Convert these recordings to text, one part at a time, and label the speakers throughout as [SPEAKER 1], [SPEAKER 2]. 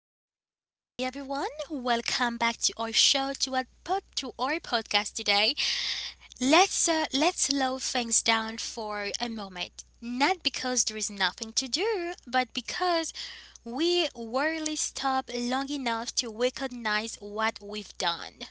[SPEAKER 1] Hey, hey, everyone! Welcome back to our show to our pod, to our podcast today. Let's slow things down for a moment. Not because there is nothing to do, but because we rarely stop long enough to recognize what we've done.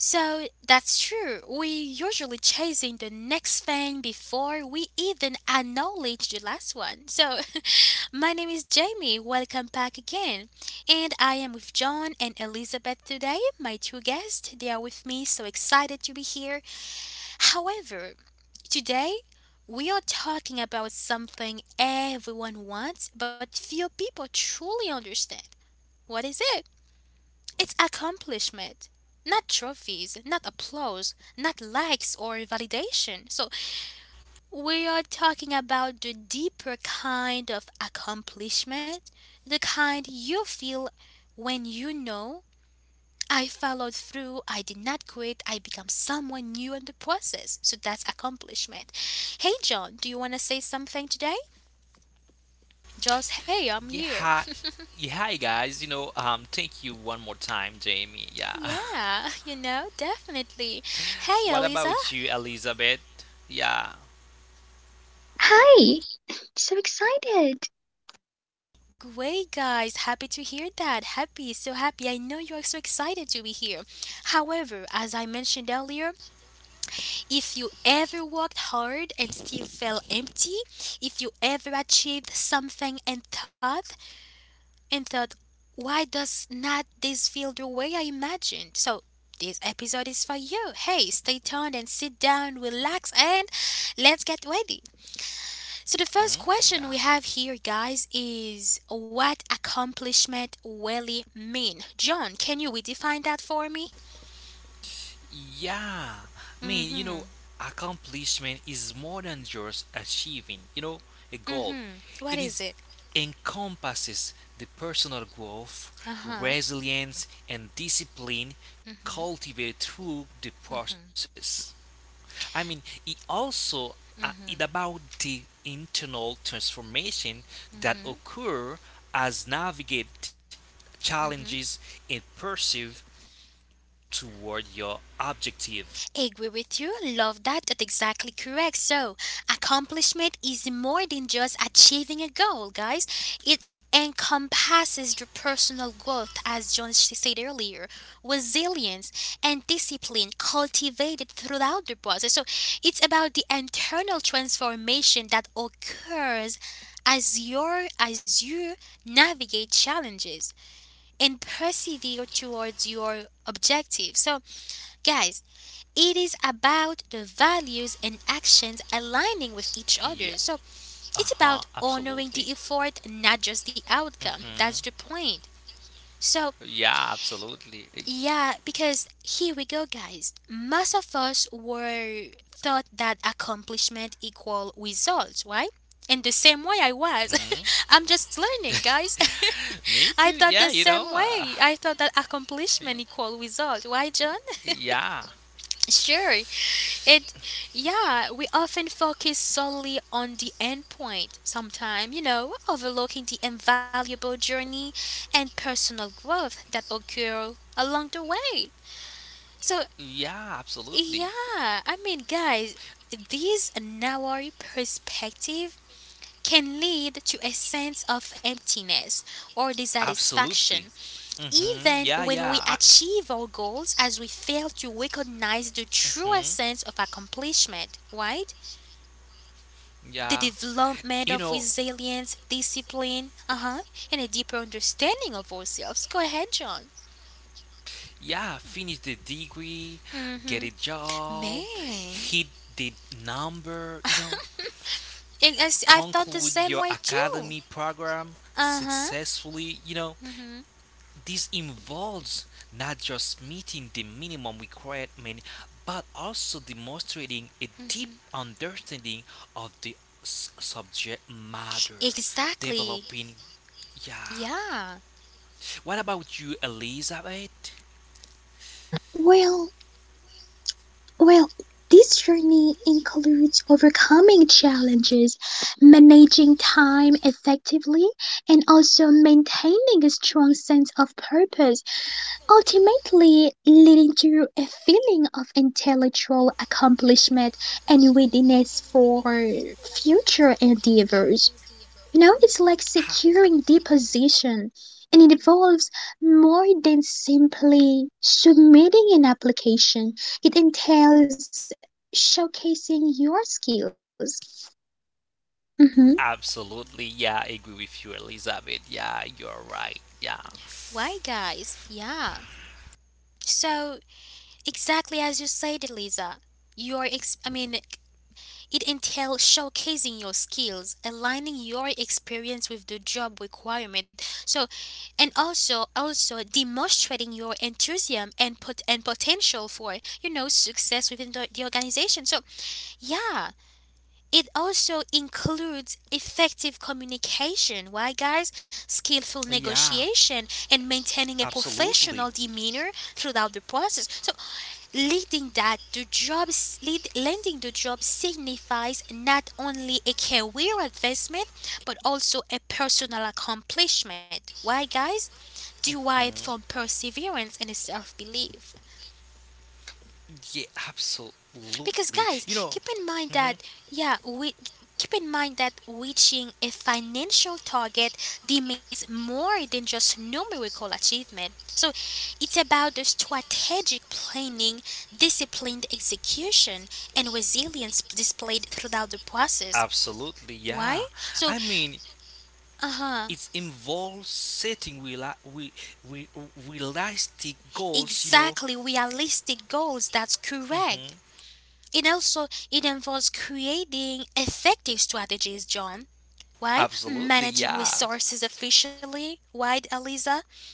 [SPEAKER 1] So that's true. We usually chasing the next thing before we even acknowledge the last one. So My name is Jamie. Welcome back again. And I am with John and Elizabeth today, my two guests. They are with me, so excited to be here. However, today we are talking about something everyone wants but few people truly understand. What is it? It's accomplishment. Not trophies, not applause, not likes or validation. So we are talking about the deeper kind of accomplishment, the kind you feel when you know I followed through, I did not quit, I become someone new in the process. So that's accomplishment. Hey John, do you want to say something today? Just hey, I'm
[SPEAKER 2] Yeah,
[SPEAKER 1] here.
[SPEAKER 2] hi, yeah, hi guys. Thank you one more time, Jamie. Yeah.
[SPEAKER 1] Yeah, you know, definitely. Hey
[SPEAKER 2] What
[SPEAKER 1] Eliza.
[SPEAKER 2] about you, Elizabeth? Yeah.
[SPEAKER 3] Hi! So excited!
[SPEAKER 1] Great guys, happy to hear that. Happy, so happy. I know you are so excited to be here. However, as I mentioned earlier, if you ever worked hard and still felt empty, if you ever achieved something and thought, why does not this feel the way I imagined? So this episode is for you. Hey, stay tuned and sit down, relax, and let's get ready. So the first question
[SPEAKER 2] Mhm,
[SPEAKER 1] we
[SPEAKER 2] yeah.
[SPEAKER 1] have here, guys, is what accomplishment really mean? John, can you redefine that for me?
[SPEAKER 2] Yeah. I mean, you
[SPEAKER 1] Mm-hmm.
[SPEAKER 2] know, accomplishment is more than just achieving, a goal.
[SPEAKER 1] Mm-hmm. What
[SPEAKER 2] It
[SPEAKER 1] is
[SPEAKER 2] is
[SPEAKER 1] it?
[SPEAKER 2] encompasses the personal growth,
[SPEAKER 1] Uh-huh.
[SPEAKER 2] resilience, and discipline cultivated through the process. I mean, it about the internal transformation that occur as navigate
[SPEAKER 1] Mm-hmm.
[SPEAKER 2] challenges and perceive toward your objective.
[SPEAKER 1] Agree with you. Love that. That's exactly correct. So, accomplishment is more than just achieving a goal, guys. It encompasses the personal growth, as John said earlier, resilience, and discipline cultivated throughout the process. So, it's about the internal transformation that occurs as you navigate challenges and persevere towards your objective. So, guys, it is about the values and actions aligning with each
[SPEAKER 2] Yeah,
[SPEAKER 1] other. So it's
[SPEAKER 2] uh-huh,
[SPEAKER 1] about honoring
[SPEAKER 2] absolutely.
[SPEAKER 1] the effort, not just the outcome. That's the
[SPEAKER 2] Mm,
[SPEAKER 1] point. So,
[SPEAKER 2] yeah, absolutely.
[SPEAKER 1] yeah, because here we go, guys. Most of us were thought that accomplishment equal results, right? And the same way I was.
[SPEAKER 2] Mhm.
[SPEAKER 1] I'm just learning, guys.
[SPEAKER 2] Me
[SPEAKER 1] I
[SPEAKER 2] too.
[SPEAKER 1] thought
[SPEAKER 2] Yeah,
[SPEAKER 1] the
[SPEAKER 2] you
[SPEAKER 1] same
[SPEAKER 2] know.
[SPEAKER 1] way. I thought that accomplishment
[SPEAKER 2] Y-
[SPEAKER 1] equal result. Why, John?
[SPEAKER 2] yeah.
[SPEAKER 1] Sure. It, yeah, we often focus solely on the end point, sometimes, overlooking the invaluable journey and personal growth that occur along the way. So,
[SPEAKER 2] Yeah, absolutely.
[SPEAKER 1] yeah, I mean, guys, this narrow perspective can lead to a sense of emptiness or dissatisfaction,
[SPEAKER 2] Absolutely. Hmm,
[SPEAKER 1] even
[SPEAKER 2] yeah,
[SPEAKER 1] when we
[SPEAKER 2] yeah.
[SPEAKER 1] achieve our goals as we fail to recognize the true
[SPEAKER 2] Mhm,
[SPEAKER 1] sense of accomplishment, right? The
[SPEAKER 2] Yeah.
[SPEAKER 1] development
[SPEAKER 2] You
[SPEAKER 1] of
[SPEAKER 2] know,
[SPEAKER 1] resilience, discipline, uh-huh, and a deeper understanding of ourselves. Go ahead, John.
[SPEAKER 2] Yeah, finish the degree, get
[SPEAKER 1] Mm-hmm.
[SPEAKER 2] a job,
[SPEAKER 1] Man.
[SPEAKER 2] hit the number,
[SPEAKER 1] I- I I've thought the
[SPEAKER 2] conclude
[SPEAKER 1] same
[SPEAKER 2] your
[SPEAKER 1] way too.
[SPEAKER 2] academy program
[SPEAKER 1] Uh-huh.
[SPEAKER 2] successfully, you know.
[SPEAKER 1] Mm-hmm.
[SPEAKER 2] This involves not just meeting the minimum requirement, but also demonstrating a deep understanding of the subject matter,
[SPEAKER 1] Exactly.
[SPEAKER 2] developing, yeah.
[SPEAKER 1] Yeah.
[SPEAKER 2] What about you, Elizabeth?
[SPEAKER 3] Well, well, this journey includes overcoming challenges, managing time effectively, and also maintaining a strong sense of purpose, ultimately leading to a feeling of intellectual accomplishment and readiness for future endeavors. You know, it's like
[SPEAKER 2] Ah,
[SPEAKER 3] securing the position, and it involves more than simply submitting an application. It entails showcasing your skills. hmm
[SPEAKER 2] absolutely, yeah, I agree with you, Elizabeth. Yeah, you're right. Yeah,
[SPEAKER 1] Why, guys? Yeah. So, exactly as you said, Lisa, you are, I mean, it entails showcasing your skills, aligning your experience with the job requirement. So, and also demonstrating your enthusiasm and potential for success within the organization. So, yeah, it also includes effective communication. Why, guys? Skillful
[SPEAKER 2] yeah,
[SPEAKER 1] negotiation and maintaining a professional
[SPEAKER 2] absolutely.
[SPEAKER 1] demeanor throughout the process. So, leading that to jobs lead, lending to jobs signifies not only a career advancement but also a personal accomplishment, why guys, derived
[SPEAKER 2] Mhm.
[SPEAKER 1] from perseverance and self-belief.
[SPEAKER 2] Yeah,
[SPEAKER 1] Because
[SPEAKER 2] absolutely.
[SPEAKER 1] guys, keep in mind
[SPEAKER 2] Mhm,
[SPEAKER 1] that yeah, we reaching a financial target demands more than just numerical achievement. So it's about the strategic planning, disciplined execution, and resilience displayed throughout the process.
[SPEAKER 2] Absolutely,
[SPEAKER 1] Why?
[SPEAKER 2] yeah.
[SPEAKER 1] So
[SPEAKER 2] I mean,
[SPEAKER 1] uh-huh.
[SPEAKER 2] it involves setting we, realistic goals.
[SPEAKER 1] Exactly realistic goals, that's
[SPEAKER 2] Hmm
[SPEAKER 1] correct. It involves creating effective strategies, John. Why?
[SPEAKER 2] Absolutely,
[SPEAKER 1] Managing
[SPEAKER 2] yeah.
[SPEAKER 1] resources efficiently, right, Eliza?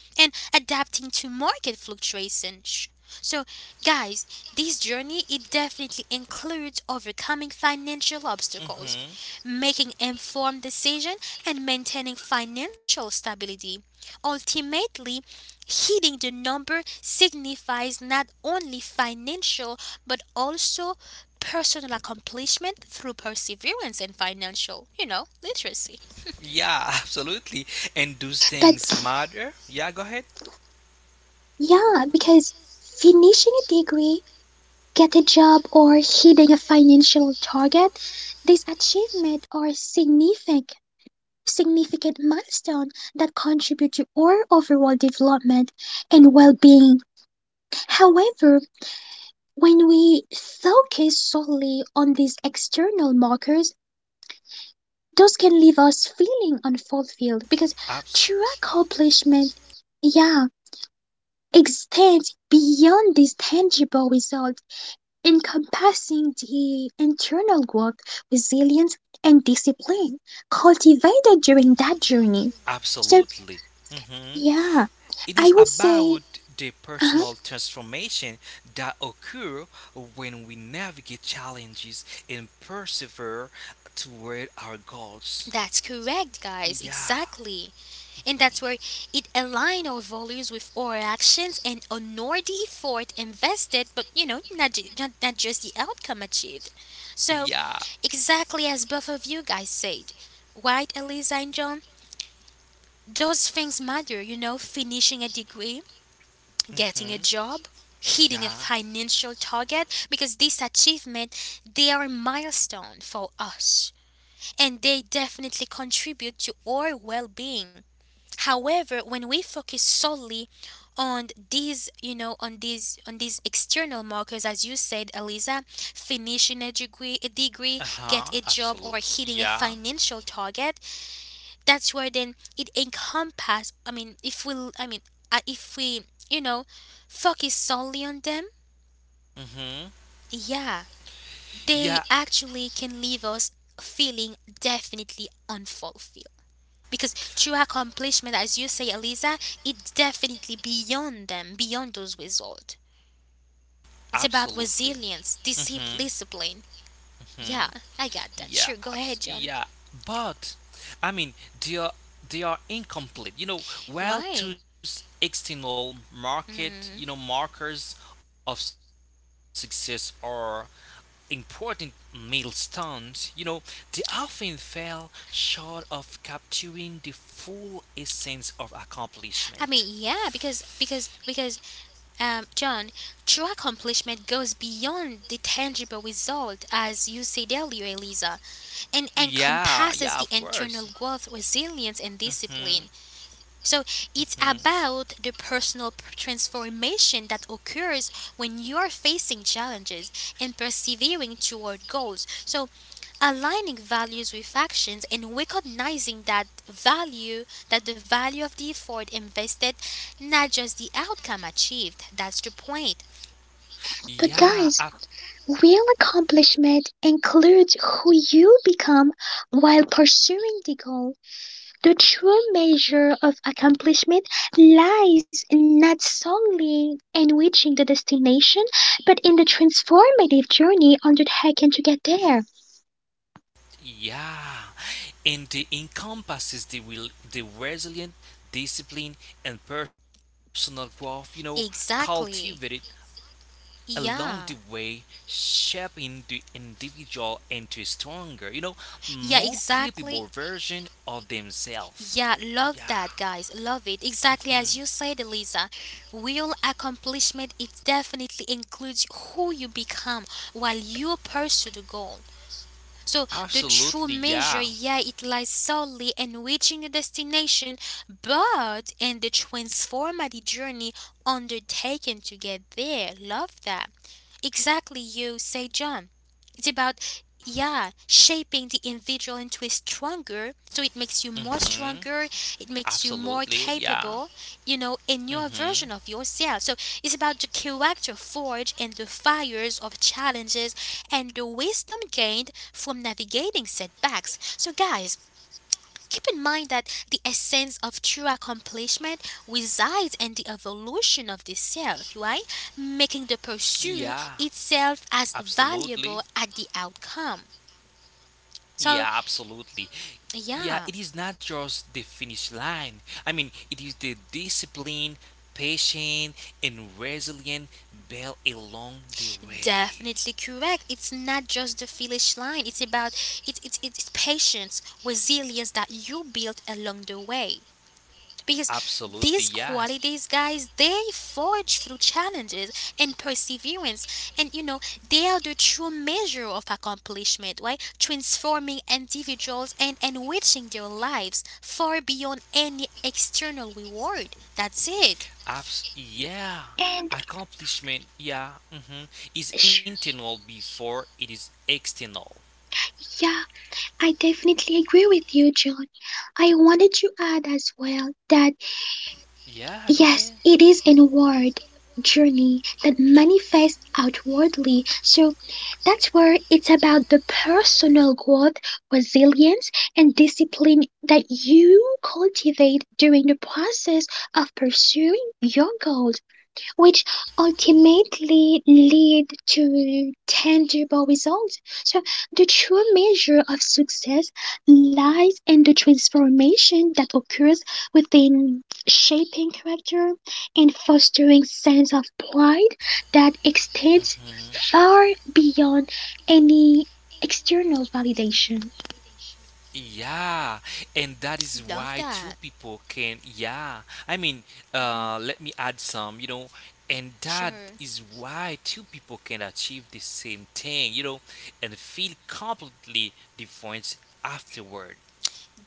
[SPEAKER 1] And adapting to market fluctuations. So, guys, this journey it definitely includes overcoming financial obstacles,
[SPEAKER 2] Hmm,
[SPEAKER 1] making informed decisions, and maintaining financial stability. Ultimately, hitting the number signifies not only financial but also personal accomplishment through perseverance and financial, you know, literacy.
[SPEAKER 2] yeah, absolutely. And those things
[SPEAKER 3] But
[SPEAKER 2] matter? Yeah, go ahead.
[SPEAKER 3] yeah, because finishing a degree, get a job, or hitting a financial target, these achievements are significant milestone that contribute to our overall development and well-being. However, when we focus solely on these external markers, those can leave us feeling unfulfilled because true
[SPEAKER 2] Abs-
[SPEAKER 3] accomplishment, yeah, extends beyond these tangible results, encompassing the internal growth, resilience, and discipline cultivated during that journey. So,
[SPEAKER 2] Absolutely. Mhm.
[SPEAKER 3] yeah,
[SPEAKER 2] It is
[SPEAKER 3] I would
[SPEAKER 2] about
[SPEAKER 3] say,
[SPEAKER 2] the
[SPEAKER 3] uh
[SPEAKER 2] personal transformation that occur when we navigate challenges and persevere toward our goals.
[SPEAKER 1] That's correct, guys.
[SPEAKER 2] Yeah.
[SPEAKER 1] Exactly. And that's where it align our values with our actions and honor the effort invested, but you know, not, ju- not, not just the outcome achieved. So,
[SPEAKER 2] Yeah.
[SPEAKER 1] exactly as both of you guys said, right, Eliza and John? Those things matter, you know, finishing a degree, getting a
[SPEAKER 2] Mhm.
[SPEAKER 1] job, hitting a
[SPEAKER 2] Yeah.
[SPEAKER 1] financial target because this achievement they are a milestone for us and they definitely contribute to our well-being. However, when we focus solely on these, you know, on these external markers as you said, Eliza, finishing a degree,
[SPEAKER 2] Uh
[SPEAKER 1] get
[SPEAKER 2] huh.
[SPEAKER 1] a job or
[SPEAKER 2] Absolutely.
[SPEAKER 1] hitting a
[SPEAKER 2] Yeah.
[SPEAKER 1] financial target, that's where then it encompass, if we you know focus solely on them,
[SPEAKER 2] Mhm.
[SPEAKER 1] yeah they
[SPEAKER 2] Yeah.
[SPEAKER 1] actually can leave us feeling definitely unfulfilled because true accomplishment, as you say, Eliza, it's definitely beyond them, beyond those results. It's about
[SPEAKER 2] Absolutely.
[SPEAKER 1] resilience, discipline.
[SPEAKER 2] Hmm,
[SPEAKER 1] Yeah, I got that. Sure, go ahead John.
[SPEAKER 2] Yeah. But I mean, they are they are incomplete. While
[SPEAKER 1] Why?
[SPEAKER 2] two external market,
[SPEAKER 1] Mm.
[SPEAKER 2] markers of success are important milestones, they often fell short of capturing the full essence of accomplishment.
[SPEAKER 1] I mean yeah because John, true accomplishment goes beyond the tangible result, as you said earlier, Eliza, and
[SPEAKER 2] Yeah,
[SPEAKER 1] encompasses
[SPEAKER 2] yeah,
[SPEAKER 1] the
[SPEAKER 2] of
[SPEAKER 1] internal
[SPEAKER 2] course.
[SPEAKER 1] growth, resilience, and discipline.
[SPEAKER 2] Hmm.
[SPEAKER 1] So it's
[SPEAKER 2] Hmm,
[SPEAKER 1] about the personal transformation that occurs when you are facing challenges and persevering toward goals. So aligning values with actions and recognizing that value that the value of the effort invested, not just the outcome achieved. That's the point.
[SPEAKER 3] but guys,
[SPEAKER 2] Yeah, ab-
[SPEAKER 3] real accomplishment includes who you become while pursuing the goal. The true measure of accomplishment lies not solely in reaching the destination, but in the transformative journey undertaken to get there.
[SPEAKER 2] yeah, and it encompasses the will, the resilient, discipline, and personal growth.
[SPEAKER 1] Exactly.
[SPEAKER 2] Cultivated along the
[SPEAKER 1] Yeah.
[SPEAKER 2] way, shaping the individual into a stronger,
[SPEAKER 1] Yeah,
[SPEAKER 2] more
[SPEAKER 1] exactly.
[SPEAKER 2] capable version of themselves.
[SPEAKER 1] Yeah, love that,
[SPEAKER 2] Yeah,
[SPEAKER 1] guys. Love it. Exactly as you
[SPEAKER 2] mhm.
[SPEAKER 1] said, Elisa. Real accomplishment, it definitely includes who you become while you pursue the goal. So the true
[SPEAKER 2] Absolutely.
[SPEAKER 1] measure,
[SPEAKER 2] Yeah,
[SPEAKER 1] yeah, it lies solely in reaching the destination, but in the transformative journey undertaken to get there. Love that. Exactly, you say, John. It's about, yeah, shaping the individual into a stronger, so it makes you more stronger,
[SPEAKER 2] hmm,
[SPEAKER 1] it makes you more
[SPEAKER 2] absolutely.
[SPEAKER 1] capable,
[SPEAKER 2] Yeah,
[SPEAKER 1] you know, in your version of
[SPEAKER 2] hmm,
[SPEAKER 1] yourself. So it's about the character forge and the fires of challenges and the wisdom gained from navigating setbacks. So, guys, keep in mind that the essence of true accomplishment resides in the evolution of the self, right? Making the pursuit
[SPEAKER 2] yeah.
[SPEAKER 1] itself as valuable
[SPEAKER 2] Absolutely.
[SPEAKER 1] as the outcome. So,
[SPEAKER 2] Yeah, absolutely. Yeah,
[SPEAKER 1] yeah,
[SPEAKER 2] it is not just the finish line. I mean, it is the discipline, patience, and resilience built along the way.
[SPEAKER 1] definitely correct. It's not just the finish line. It's about it's patience, resilience that you built along the way. Because these
[SPEAKER 2] Absolutely,
[SPEAKER 1] qualities,
[SPEAKER 2] yes.
[SPEAKER 1] guys, they forge through challenges and perseverance, and you know they are the true measure of accomplishment, right? Transforming individuals and enriching their lives far beyond any external reward. That's it.
[SPEAKER 2] Yeah,
[SPEAKER 3] And
[SPEAKER 2] accomplishment, is
[SPEAKER 3] sure,
[SPEAKER 2] internal before it is external.
[SPEAKER 3] yeah, I definitely agree with you, John. I wanted to add as well that
[SPEAKER 2] Yeah, go
[SPEAKER 3] yes,
[SPEAKER 2] ahead.
[SPEAKER 3] it is an inward journey that manifests outwardly. So that's where it's about the personal growth, resilience, and discipline that you cultivate during the process of pursuing your goals which ultimately lead to tangible results. So, the true measure of success lies in the transformation that occurs within shaping character and fostering sense of pride that extends
[SPEAKER 2] Mhm.
[SPEAKER 3] far beyond any external validation.
[SPEAKER 2] Yeah, and that is
[SPEAKER 1] Love
[SPEAKER 2] why two
[SPEAKER 1] that.
[SPEAKER 2] people can. Yeah, I mean,
[SPEAKER 1] Mhm.
[SPEAKER 2] let me add some. And that
[SPEAKER 1] Sure.
[SPEAKER 2] is why two people can achieve the same thing. And feel completely different afterward.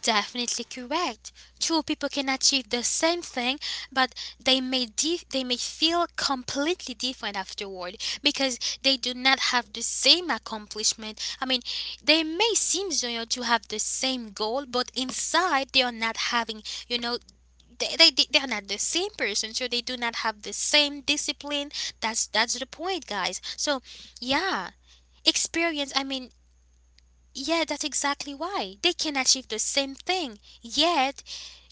[SPEAKER 1] Definitely correct. Two people can achieve the same thing, but they may they may feel completely different afterward because they do not have the same accomplishment. I mean, they may seem, you know, to have the same goal, but inside they are not having, you know, they are not the same person, so they do not have the same discipline. That's the point, guys. So yeah, experience, I mean, yeah, that's exactly why. They can achieve the same thing, yet,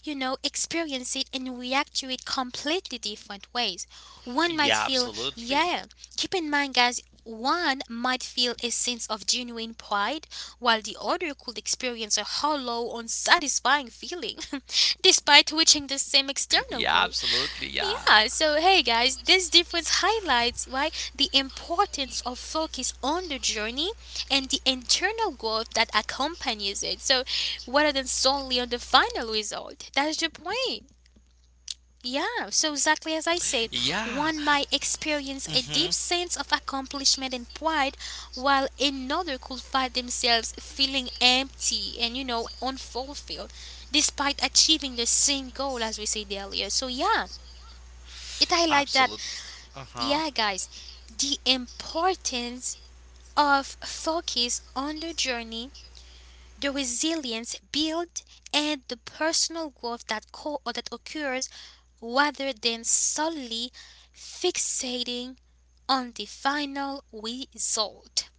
[SPEAKER 1] you know, experience it and react to it completely different ways. One might
[SPEAKER 2] Yeah,
[SPEAKER 1] feel,
[SPEAKER 2] absolutely.
[SPEAKER 1] yeah, keep in mind, guys, one might feel a sense of genuine pride, while the other could experience a hollow, unsatisfying feeling, despite reaching the same external
[SPEAKER 2] Yeah,
[SPEAKER 1] goal.
[SPEAKER 2] absolutely. Yeah.
[SPEAKER 1] Yeah, so hey guys, this difference highlights why the importance of focus on the journey and the internal growth that accompanies it. So rather than solely on the final result. That's the point. Yeah, so exactly as I said,
[SPEAKER 2] Yeah.
[SPEAKER 1] one might experience a deep
[SPEAKER 2] Mhm.
[SPEAKER 1] sense of accomplishment and pride, while another could find themselves feeling empty and you know unfulfilled despite achieving the same goal as we said earlier. So yeah, it highlights that,
[SPEAKER 2] Absolutely. Uh huh.
[SPEAKER 1] yeah, guys, the importance of focus on the journey, the resilience built, and the personal growth that co- or that occurs rather than solely fixating on the final result.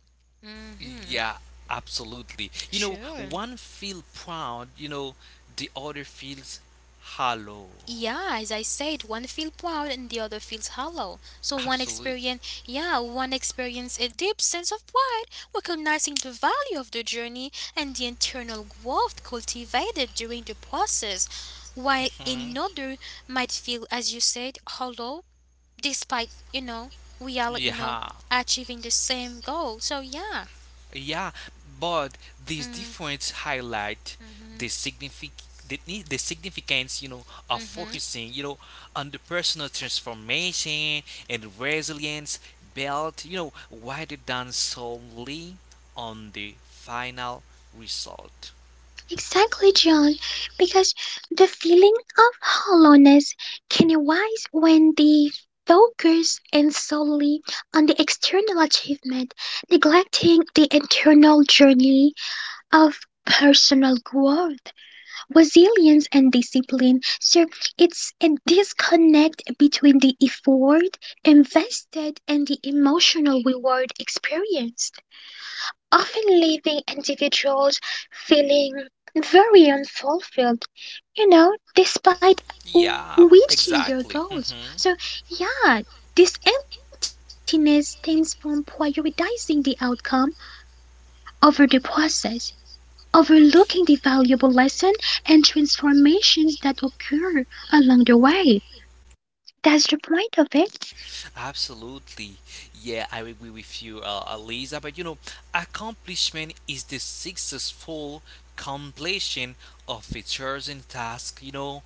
[SPEAKER 1] Hmm.
[SPEAKER 2] Yeah, absolutely.
[SPEAKER 1] Sure.
[SPEAKER 2] One feel proud, the other feels hollow.
[SPEAKER 1] Yeah, as I said, one feels proud and the other feels hollow. So one
[SPEAKER 2] Absolutely.
[SPEAKER 1] experience, yeah, one experience a deep sense of pride, recognizing the value of the journey and the internal growth cultivated during the process, while another might feel, as you said, hollow, despite you know we are you know
[SPEAKER 2] Yeah.
[SPEAKER 1] achieving the same goal. So yeah,
[SPEAKER 2] Yeah, but these
[SPEAKER 1] mm,
[SPEAKER 2] difference highlight the signific the significance, of
[SPEAKER 1] mm-hmm.
[SPEAKER 2] focusing, on the personal transformation and resilience built, rather than solely on the final result.
[SPEAKER 3] Exactly, John, because the feeling of hollowness can arise when the focus and solely on the external achievement, neglecting the internal journey of personal growth, resilience and discipline. So it's a disconnect between the effort invested and the emotional reward experienced often leaving individuals feeling very unfulfilled, you know, despite
[SPEAKER 2] Yeah,
[SPEAKER 3] reaching their goals.
[SPEAKER 2] exactly.
[SPEAKER 3] So,
[SPEAKER 2] Hmm.
[SPEAKER 3] yeah, this emptiness stems from prioritizing the outcome over the process, overlooking the valuable lesson and transformations that occur along the way. That's the point of it.
[SPEAKER 2] Absolutely. Yeah, I agree with you, Aliza. But accomplishment is the successful completion of a chosen task.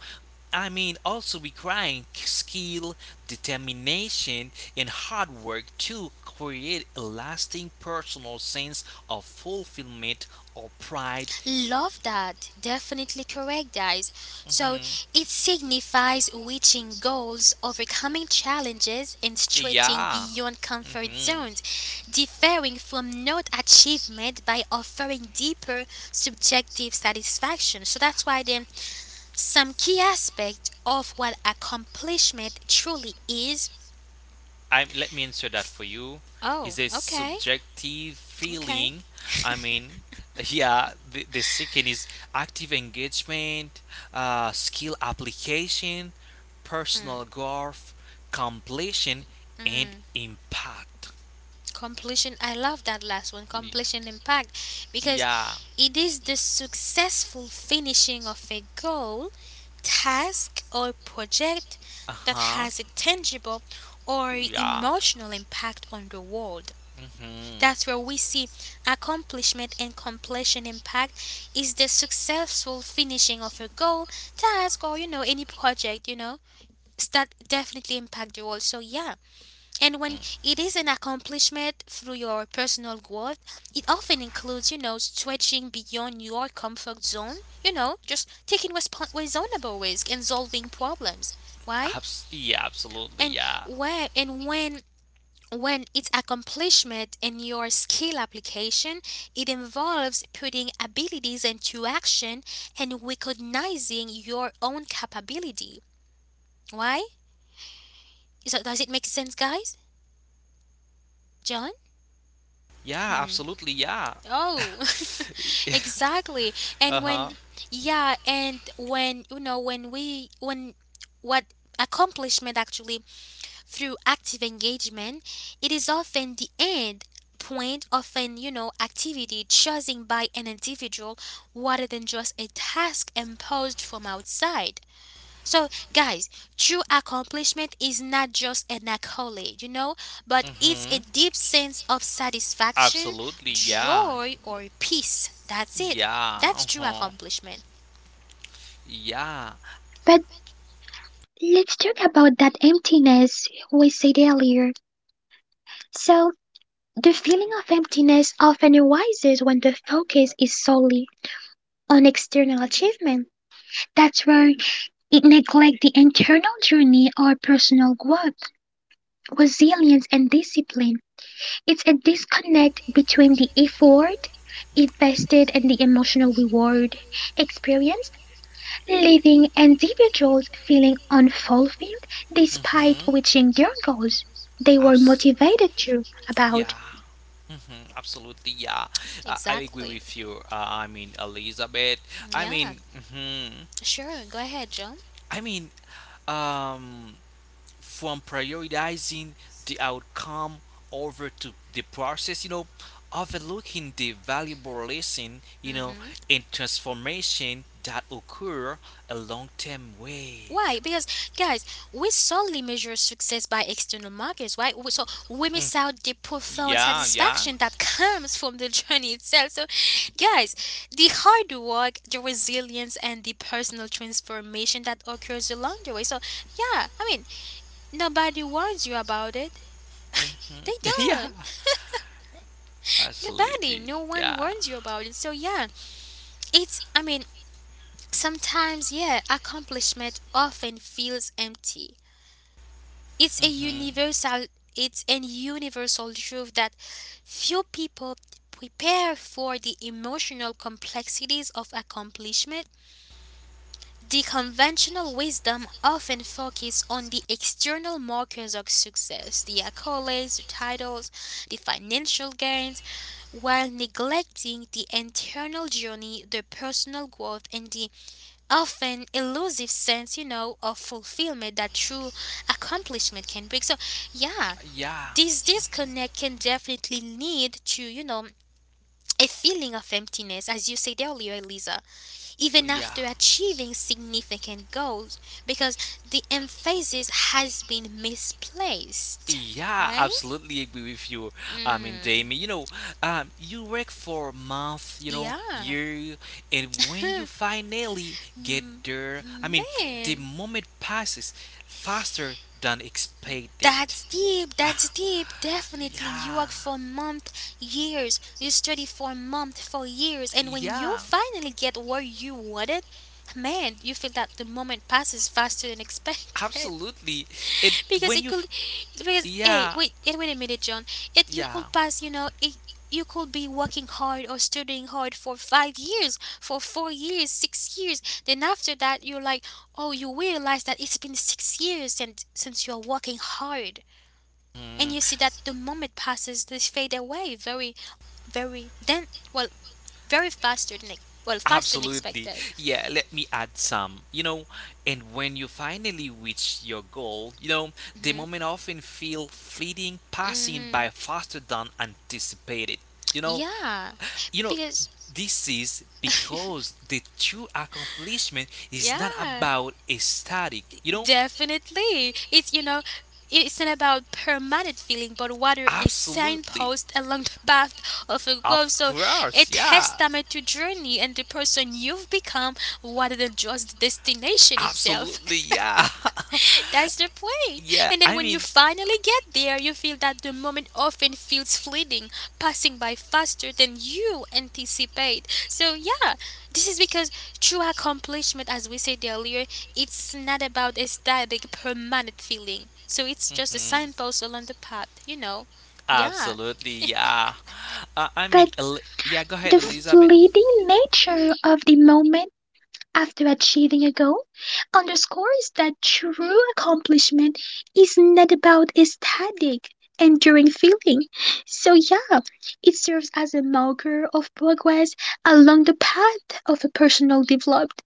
[SPEAKER 2] I mean, also requiring skill, determination, and hard work to create a lasting personal sense of fulfillment or pride.
[SPEAKER 1] Love that. Definitely correct, guys. So
[SPEAKER 2] Hmm,
[SPEAKER 1] it signifies reaching goals, overcoming challenges, and stretching
[SPEAKER 2] yeah.
[SPEAKER 1] beyond comfort
[SPEAKER 2] hmm
[SPEAKER 1] zones, differing from not achievement by offering deeper subjective satisfaction. So that's why then some key aspect of what accomplishment truly is.
[SPEAKER 2] I let me answer that for you.
[SPEAKER 1] Oh,
[SPEAKER 2] Is a
[SPEAKER 1] okay,
[SPEAKER 2] subjective
[SPEAKER 1] okay.
[SPEAKER 2] feeling. I mean, the second is active engagement, skill application, personal growth, completion, and
[SPEAKER 1] Mm.
[SPEAKER 2] impact.
[SPEAKER 1] Completion, I love that last one.
[SPEAKER 2] Y-
[SPEAKER 1] Completion, impact, because
[SPEAKER 2] Yeah.
[SPEAKER 1] it is the successful finishing of a goal, task, or project
[SPEAKER 2] Uh
[SPEAKER 1] that
[SPEAKER 2] huh.
[SPEAKER 1] has a tangible or
[SPEAKER 2] Yeah.
[SPEAKER 1] emotional impact on the world.
[SPEAKER 2] Mm-hmm.
[SPEAKER 1] That's where we see accomplishment. And completion impact is the successful finishing of a goal, task, or you know any project, you know, that definitely impact the world. So yeah, and when it is an accomplishment through your personal growth, it often includes, you know, stretching beyond your comfort zone, you know, just taking reasonable risk and solving problems. Why?
[SPEAKER 2] Yeah. Absolutely.
[SPEAKER 1] And
[SPEAKER 2] Yeah.
[SPEAKER 1] where and when it's accomplishment in your skill application, it involves putting abilities into action and recognizing your own capability. Why? So does it make sense, guys? John?
[SPEAKER 2] Yeah,
[SPEAKER 1] Hmm.
[SPEAKER 2] absolutely. Yeah.
[SPEAKER 1] Oh, exactly. And
[SPEAKER 2] Uh-huh.
[SPEAKER 1] when, yeah, and when, you know, when what accomplishment actually through active engagement, it is often the end point of an, you know, activity chosen by an individual rather than just a task imposed from outside. So, guys, true accomplishment is not just an accolade, you know, but it's a
[SPEAKER 2] Mhm.
[SPEAKER 1] deep sense of satisfaction,
[SPEAKER 2] Absolutely. Yeah.
[SPEAKER 1] joy, or peace. That's it.
[SPEAKER 2] Yeah.
[SPEAKER 1] That's true
[SPEAKER 2] Uh-huh.
[SPEAKER 1] accomplishment.
[SPEAKER 2] Yeah.
[SPEAKER 3] But let's talk about that emptiness we said earlier. So, the feeling of emptiness often arises when the focus is solely on external achievement. That's where it neglects the internal journey or personal growth, resilience, and discipline. It's a disconnect between the effort invested and the emotional reward experienced, leaving individuals feeling unfulfilled despite
[SPEAKER 2] Mhm.
[SPEAKER 3] reaching their goals they were
[SPEAKER 2] Abs-
[SPEAKER 3] motivated to
[SPEAKER 2] Yeah,
[SPEAKER 3] about.
[SPEAKER 2] mhm, absolutely. Yeah, I agree
[SPEAKER 1] Exactly.
[SPEAKER 2] with you. I mean, Elizabeth. I
[SPEAKER 1] Yeah.
[SPEAKER 2] mean,
[SPEAKER 1] Sure. Go ahead, John.
[SPEAKER 2] I mean, um, from prioritizing the outcome over to the process, overlooking the valuable lesson, you
[SPEAKER 1] Mm
[SPEAKER 2] know,
[SPEAKER 1] hmm.
[SPEAKER 2] and transformation that occur a long term way.
[SPEAKER 1] Why? Because guys, we solely measure success by external markers, right? So we
[SPEAKER 2] Mm,
[SPEAKER 1] miss out the profound
[SPEAKER 2] yeah, yeah.
[SPEAKER 1] satisfaction that comes from the journey itself. So, guys, the hard work, the resilience, and the personal transformation that occurs along the way. So, yeah, I mean, nobody warns you about it. They
[SPEAKER 2] Yeah,
[SPEAKER 1] don't. Nobody,
[SPEAKER 2] absolutely.
[SPEAKER 1] no one
[SPEAKER 2] Yeah.
[SPEAKER 1] warns you about it. So, yeah, it's, I mean, sometimes, yeah, accomplishment often feels empty. It's a
[SPEAKER 2] Hmm,
[SPEAKER 1] universal, it's an universal truth that few people prepare for the emotional complexities of accomplishment. The conventional wisdom often focuses on the external markers of success, the accolades, the titles, the financial gains, while neglecting the internal journey, the personal growth, and the often elusive sense, you know, of fulfillment that true accomplishment can bring. So, yeah,
[SPEAKER 2] yeah,
[SPEAKER 1] this disconnect can definitely lead to, you know, a feeling of emptiness, as you said earlier, Elisa, even
[SPEAKER 2] yeah.
[SPEAKER 1] after achieving significant goals, because the emphasis has been misplaced.
[SPEAKER 2] Yeah,
[SPEAKER 1] Why?
[SPEAKER 2] absolutely agree with you. I mean,
[SPEAKER 1] Mm,
[SPEAKER 2] Jamie, you work for a month,
[SPEAKER 1] yeah.
[SPEAKER 2] year, and when you finally get
[SPEAKER 1] Hmm.
[SPEAKER 2] there, I mean, the
[SPEAKER 1] Man.
[SPEAKER 2] moment passes faster than expected.
[SPEAKER 1] That's deep, that's deep. Definitely, you
[SPEAKER 2] Yeah,
[SPEAKER 1] work for months, years, you study for months, for years, and when you
[SPEAKER 2] yeah,
[SPEAKER 1] finally get where you wanted, man, you feel that the moment passes faster than expected.
[SPEAKER 2] absolutely. It
[SPEAKER 1] Because
[SPEAKER 2] when
[SPEAKER 1] it
[SPEAKER 2] you,
[SPEAKER 1] could,
[SPEAKER 2] f-
[SPEAKER 1] because, hey,
[SPEAKER 2] yeah,
[SPEAKER 1] wait, wait a minute, John. It You
[SPEAKER 2] yeah.
[SPEAKER 1] could pass, you know, it, you could be working hard or studying hard for 5 years, for 4 years, 6 years. Then after that, you're like, oh, you realize that it's been 6 years since you're working hard and
[SPEAKER 2] Mm.
[SPEAKER 1] you see that the moment passes, they fade away very very, then, well, very faster than well faster than
[SPEAKER 2] Absolutely.
[SPEAKER 1] expected.
[SPEAKER 2] Yeah, let me add some. And when you finally reach your goal,
[SPEAKER 1] Mm
[SPEAKER 2] the
[SPEAKER 1] hmm.
[SPEAKER 2] moment often feel fleeting,
[SPEAKER 1] Mm
[SPEAKER 2] passing
[SPEAKER 1] hmm.
[SPEAKER 2] by faster than anticipated. You know,
[SPEAKER 1] Yeah,
[SPEAKER 2] you know,
[SPEAKER 1] because
[SPEAKER 2] this is because the true accomplishment is not
[SPEAKER 1] yeah,
[SPEAKER 2] about a static,
[SPEAKER 1] definitely it's, you know, it's not about permanent feeling but rather a
[SPEAKER 2] absolutely.
[SPEAKER 1] signpost along the path of a growth.
[SPEAKER 2] Of
[SPEAKER 1] So a
[SPEAKER 2] course, yeah.
[SPEAKER 1] testament to journey and the person you've become rather than just the destination itself.
[SPEAKER 2] Absolutely, yeah.
[SPEAKER 1] That's the point.
[SPEAKER 2] Yeah,
[SPEAKER 1] And then
[SPEAKER 2] I
[SPEAKER 1] when you
[SPEAKER 2] mean,
[SPEAKER 1] finally get there, you feel that the moment often feels fleeting, passing by faster than you anticipate. So, yeah, this is because true accomplishment, as we said earlier, it's not about a static, permanent feeling. So, it's just a
[SPEAKER 2] mhm.
[SPEAKER 1] signpost along the path, you know? Yeah.
[SPEAKER 2] absolutely, yeah. I
[SPEAKER 3] But
[SPEAKER 2] mean, yeah, go ahead,
[SPEAKER 3] the
[SPEAKER 2] Elizabeth.
[SPEAKER 3] fleeting nature of the moment after achieving a goal underscores that true accomplishment is not about a static, enduring feeling. So, yeah, it serves as a marker of progress along the path of a personal development,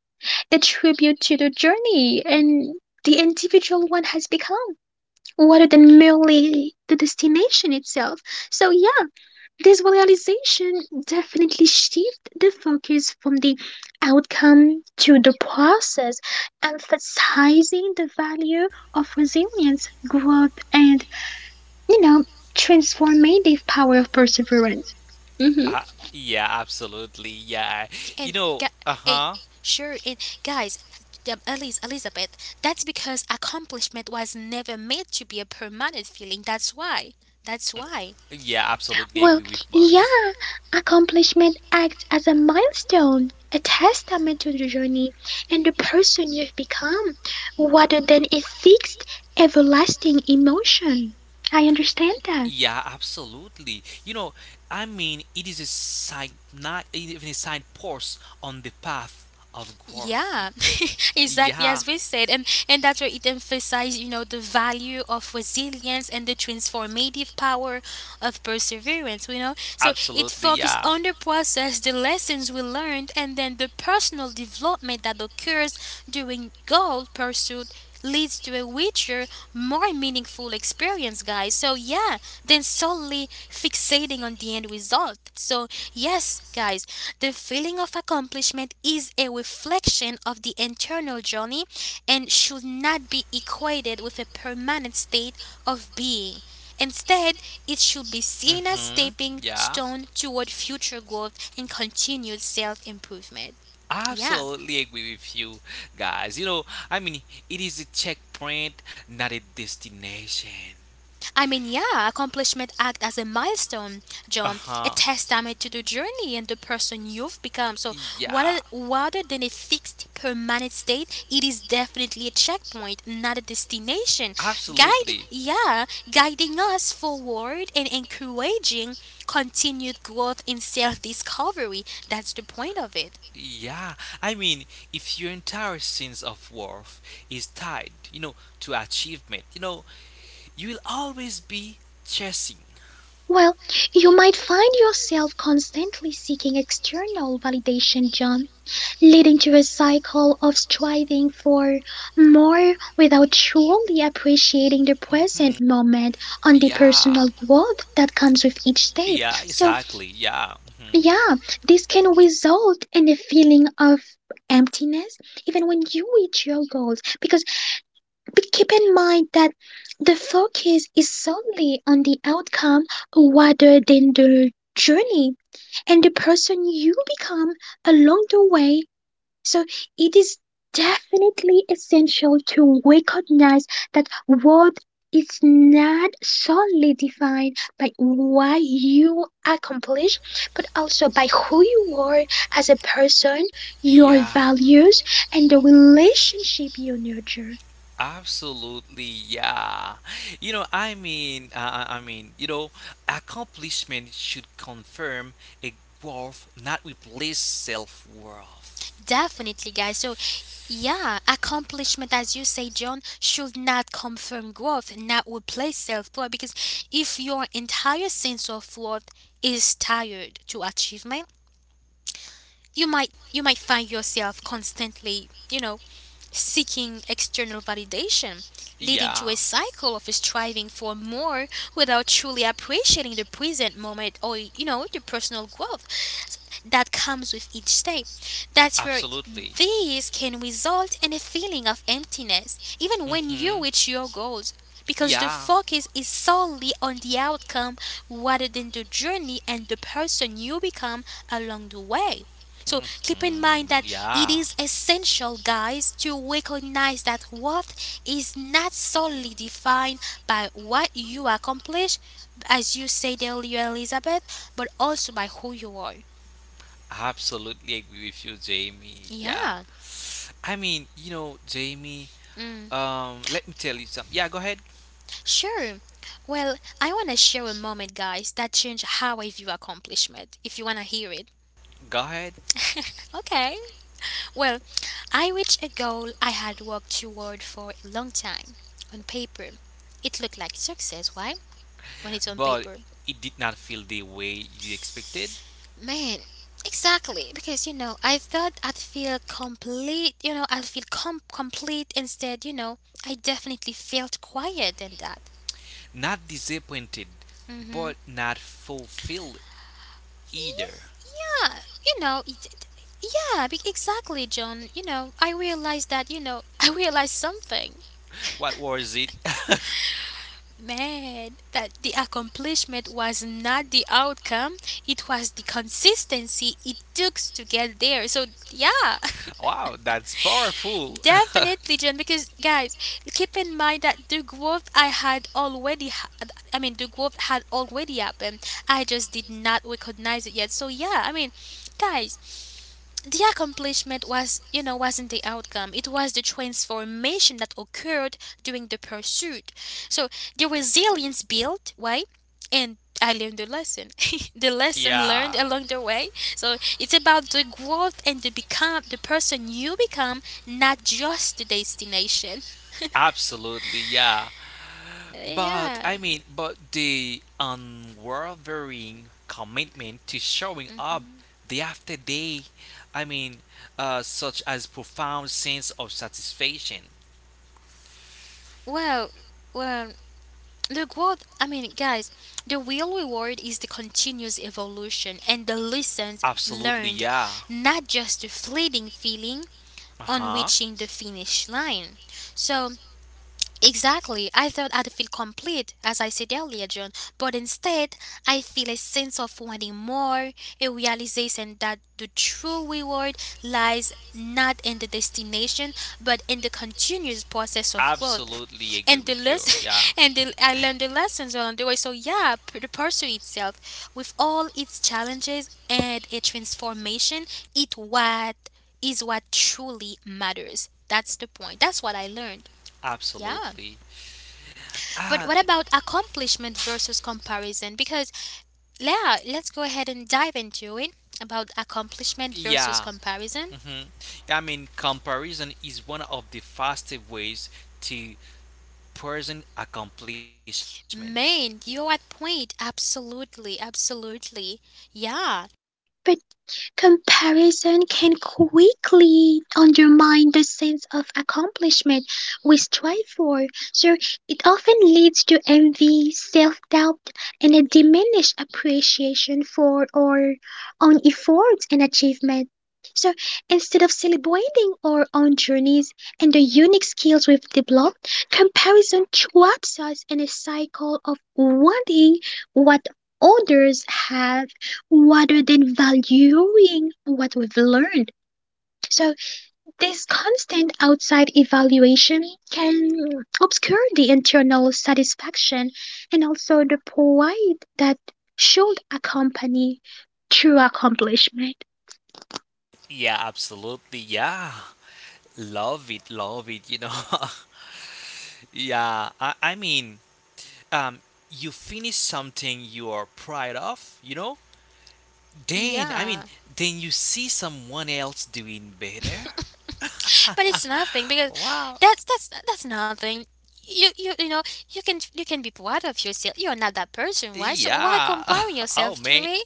[SPEAKER 3] a tribute to the journey and the individual one has become, rather than merely the destination itself. So, yeah. This realization definitely shifted the focus from the outcome to the process, emphasizing the value of resilience, growth, and, you know, transformative power of perseverance. hmm
[SPEAKER 2] Uh, yeah, absolutely. Yeah.
[SPEAKER 1] And gu- Hey,
[SPEAKER 2] Uh-huh.
[SPEAKER 1] sure, and guys, Elizabeth, that's because accomplishment was never meant to be a permanent feeling. That's why. That's why.
[SPEAKER 2] Yeah, absolutely
[SPEAKER 3] Well,
[SPEAKER 2] agree with Bars.
[SPEAKER 3] yeah, accomplishment acts as a milestone, a testament to the journey and the person you've become, rather than a fixed, everlasting emotion. I understand that.
[SPEAKER 2] Yeah, absolutely. I mean, it is a sign, not even a signpost on the path of growth.
[SPEAKER 1] Yeah, exactly
[SPEAKER 2] Yeah,
[SPEAKER 1] as we said, and that's where it emphasized, you know, the value of resilience and the transformative power of perseverance. You know, so it
[SPEAKER 2] absolutely.
[SPEAKER 1] focused
[SPEAKER 2] Yeah,
[SPEAKER 1] on the process, the lessons we learned, and then the personal development that occurs during goal pursuit leads to a richer, more meaningful experience, guys. So, so yeah, then solely fixating on the end result. So yes, guys, the feeling of accomplishment is a reflection of the internal journey and should not be equated with a permanent state of being. Instead, it should be seen as
[SPEAKER 2] Mm-hmm.
[SPEAKER 1] stepping
[SPEAKER 2] Yeah.
[SPEAKER 1] stone toward future growth and continued self-improvement. Yeah.
[SPEAKER 2] Absolutely agree with you guys. I mean, it is a checkpoint, not a destination.
[SPEAKER 1] I mean, yeah, accomplishment act as a milestone,
[SPEAKER 2] Uh
[SPEAKER 1] John, a
[SPEAKER 2] huh.
[SPEAKER 1] testament to the journey and the person you've become. So,
[SPEAKER 2] Yeah.
[SPEAKER 1] rather than a fixed, permanent state, it is definitely a checkpoint, not a destination. Guide,
[SPEAKER 2] Absolutely.
[SPEAKER 1] yeah, guiding us forward and encouraging continued growth in self-discovery. That's the point of it.
[SPEAKER 2] Yeah, I mean, if your entire sense of worth is tied, to achievement, you will always be chasing.
[SPEAKER 3] Well, you might find yourself constantly seeking external validation, John, leading to a cycle of striving for more without truly appreciating the present
[SPEAKER 2] Hmm.
[SPEAKER 3] moment and the
[SPEAKER 2] Yeah.
[SPEAKER 3] personal growth that comes with each step.
[SPEAKER 2] Yeah,
[SPEAKER 3] So,
[SPEAKER 2] exactly. Yeah. Mhm.
[SPEAKER 3] yeah, this can result in a feeling of emptiness even when you reach your goals because but keep in mind that the focus is solely on the outcome rather than the journey and the person you become along the way. So it is definitely essential to recognize that worth is not solely defined by what you accomplish, but also by who you are as a person, your
[SPEAKER 2] Yeah.
[SPEAKER 3] values, and the relationship you nurture.
[SPEAKER 2] Absolutely, yeah. I mean, I mean, accomplishment should confirm a worth, not replace self worth.
[SPEAKER 1] Definitely, guys. So, yeah, accomplishment, as you say, John, should not come from growth, not replace self worth. Because if your entire sense of worth is tied to achievement, you might find yourself constantly, you know, seeking external validation, leading to
[SPEAKER 2] Yeah.
[SPEAKER 1] a cycle of striving for more without truly appreciating the present moment or you know the personal growth that comes with each step. That's where
[SPEAKER 2] Absolutely.
[SPEAKER 1] these can result in a feeling of emptiness, even when you
[SPEAKER 2] Mm-hmm.
[SPEAKER 1] reach your goals, because the
[SPEAKER 2] Yeah.
[SPEAKER 1] focus is solely on the outcome rather than the journey and the person you become along the way. So keep in mind
[SPEAKER 2] Mm-hmm.
[SPEAKER 1] that it
[SPEAKER 2] Yeah.
[SPEAKER 1] is essential, guys, to recognize that worth is not solely defined by what you accomplish, as you said earlier, Elizabeth, but also by who you are.
[SPEAKER 2] Absolutely agree with you, Jamie. Yeah.
[SPEAKER 1] Yeah.
[SPEAKER 2] I mean, Jamie,
[SPEAKER 1] Mm,
[SPEAKER 2] Let me tell you something. Yeah, go ahead.
[SPEAKER 1] sure. Well, I want to share a moment, guys, that changed how I view accomplishment, if you want to hear it.
[SPEAKER 2] Go ahead.
[SPEAKER 1] Okay. Well, I reached a goal I had worked toward for a long time on paper. It looked like success, why? When it's on
[SPEAKER 2] But
[SPEAKER 1] paper.
[SPEAKER 2] it did not feel the way you expected.
[SPEAKER 1] Man, exactly. Because, you know, I thought I'd feel complete, you know, complete. Instead, you know, I definitely felt quiet than that.
[SPEAKER 2] Not disappointed,
[SPEAKER 1] Mm-hmm.
[SPEAKER 2] but not fulfilled either.
[SPEAKER 1] Yeah, yeah. You know, yeah, exactly, John. You know, I realized that, you know, I realized something.
[SPEAKER 2] What was it?
[SPEAKER 1] Man, that the accomplishment was not the outcome, it was the consistency it took to get there. So, yeah,
[SPEAKER 2] Wow, that's powerful.
[SPEAKER 1] definitely, John, because guys, keep in mind that the growth I had already had, I mean, the growth had already happened. I just did not recognize it yet. So, yeah, I mean, guys, the accomplishment wasn't the outcome, it was the transformation that occurred during the pursuit. So the resilience built, why? And I learned the lesson, the lesson learned
[SPEAKER 2] Yeah.
[SPEAKER 1] along the way. So it's about the growth and the person you become, not just the destination.
[SPEAKER 2] Absolutely, yeah.
[SPEAKER 1] Uh,
[SPEAKER 2] But
[SPEAKER 1] yeah,
[SPEAKER 2] I mean, but the unwavering commitment to showing up day after day, I mean, such as profound sense of satisfaction.
[SPEAKER 1] well, well, the growth, I mean, guys, the real reward is the continuous evolution and the lessons
[SPEAKER 2] Absolutely,
[SPEAKER 1] learned,
[SPEAKER 2] yeah.
[SPEAKER 1] not just the fleeting feeling
[SPEAKER 2] Uh
[SPEAKER 1] on
[SPEAKER 2] huh.
[SPEAKER 1] reaching the finish line. So, exactly. I thought I'd feel complete, as I said earlier, John, but instead, I feel a sense of wanting more, a realization that the true reward lies not in the destination, but in the continuous process of growth.
[SPEAKER 2] Absolutely agree with you. Yeah,
[SPEAKER 1] And I learned the lessons along the way. So yeah, the pursuit itself, with all its challenges and a transformation, it what is what truly matters. That's the point. That's what I learned. Yeah.
[SPEAKER 2] absolutely.
[SPEAKER 1] But
[SPEAKER 2] Ah,
[SPEAKER 1] what about accomplishment versus comparison? Because yeah, let's go ahead and dive into it about accomplishment versus
[SPEAKER 2] yeah.
[SPEAKER 1] comparison.
[SPEAKER 2] hmm I mean, comparison is one of the fastest ways to present accomplishment.
[SPEAKER 1] Man, you're at point. Absolutely, absolutely. Yeah,
[SPEAKER 3] But comparison can quickly undermine the sense of accomplishment we strive for, so it often leads to envy, self doubt, and a diminished appreciation for our own efforts and achievement. So instead of celebrating our own journeys and the unique skills we've developed, comparison traps us in a cycle of wanting what others have rather than valuing what we've learned. So, this constant outside evaluation can obscure the internal satisfaction and also the pride that should accompany true accomplishment.
[SPEAKER 2] Yeah, absolutely. Yeah, love it, love it. Yeah. I mean, um, you finish something you are proud of. Then, I mean,
[SPEAKER 1] yeah.
[SPEAKER 2] then you see someone else doing better?
[SPEAKER 1] But it's nothing because
[SPEAKER 2] Wow.
[SPEAKER 1] that's that's nothing. You you know you can be proud of yourself. You're not that person, why? So why
[SPEAKER 2] Yeah.
[SPEAKER 1] comparing
[SPEAKER 2] Oh,
[SPEAKER 1] yourself to
[SPEAKER 2] man.
[SPEAKER 1] it?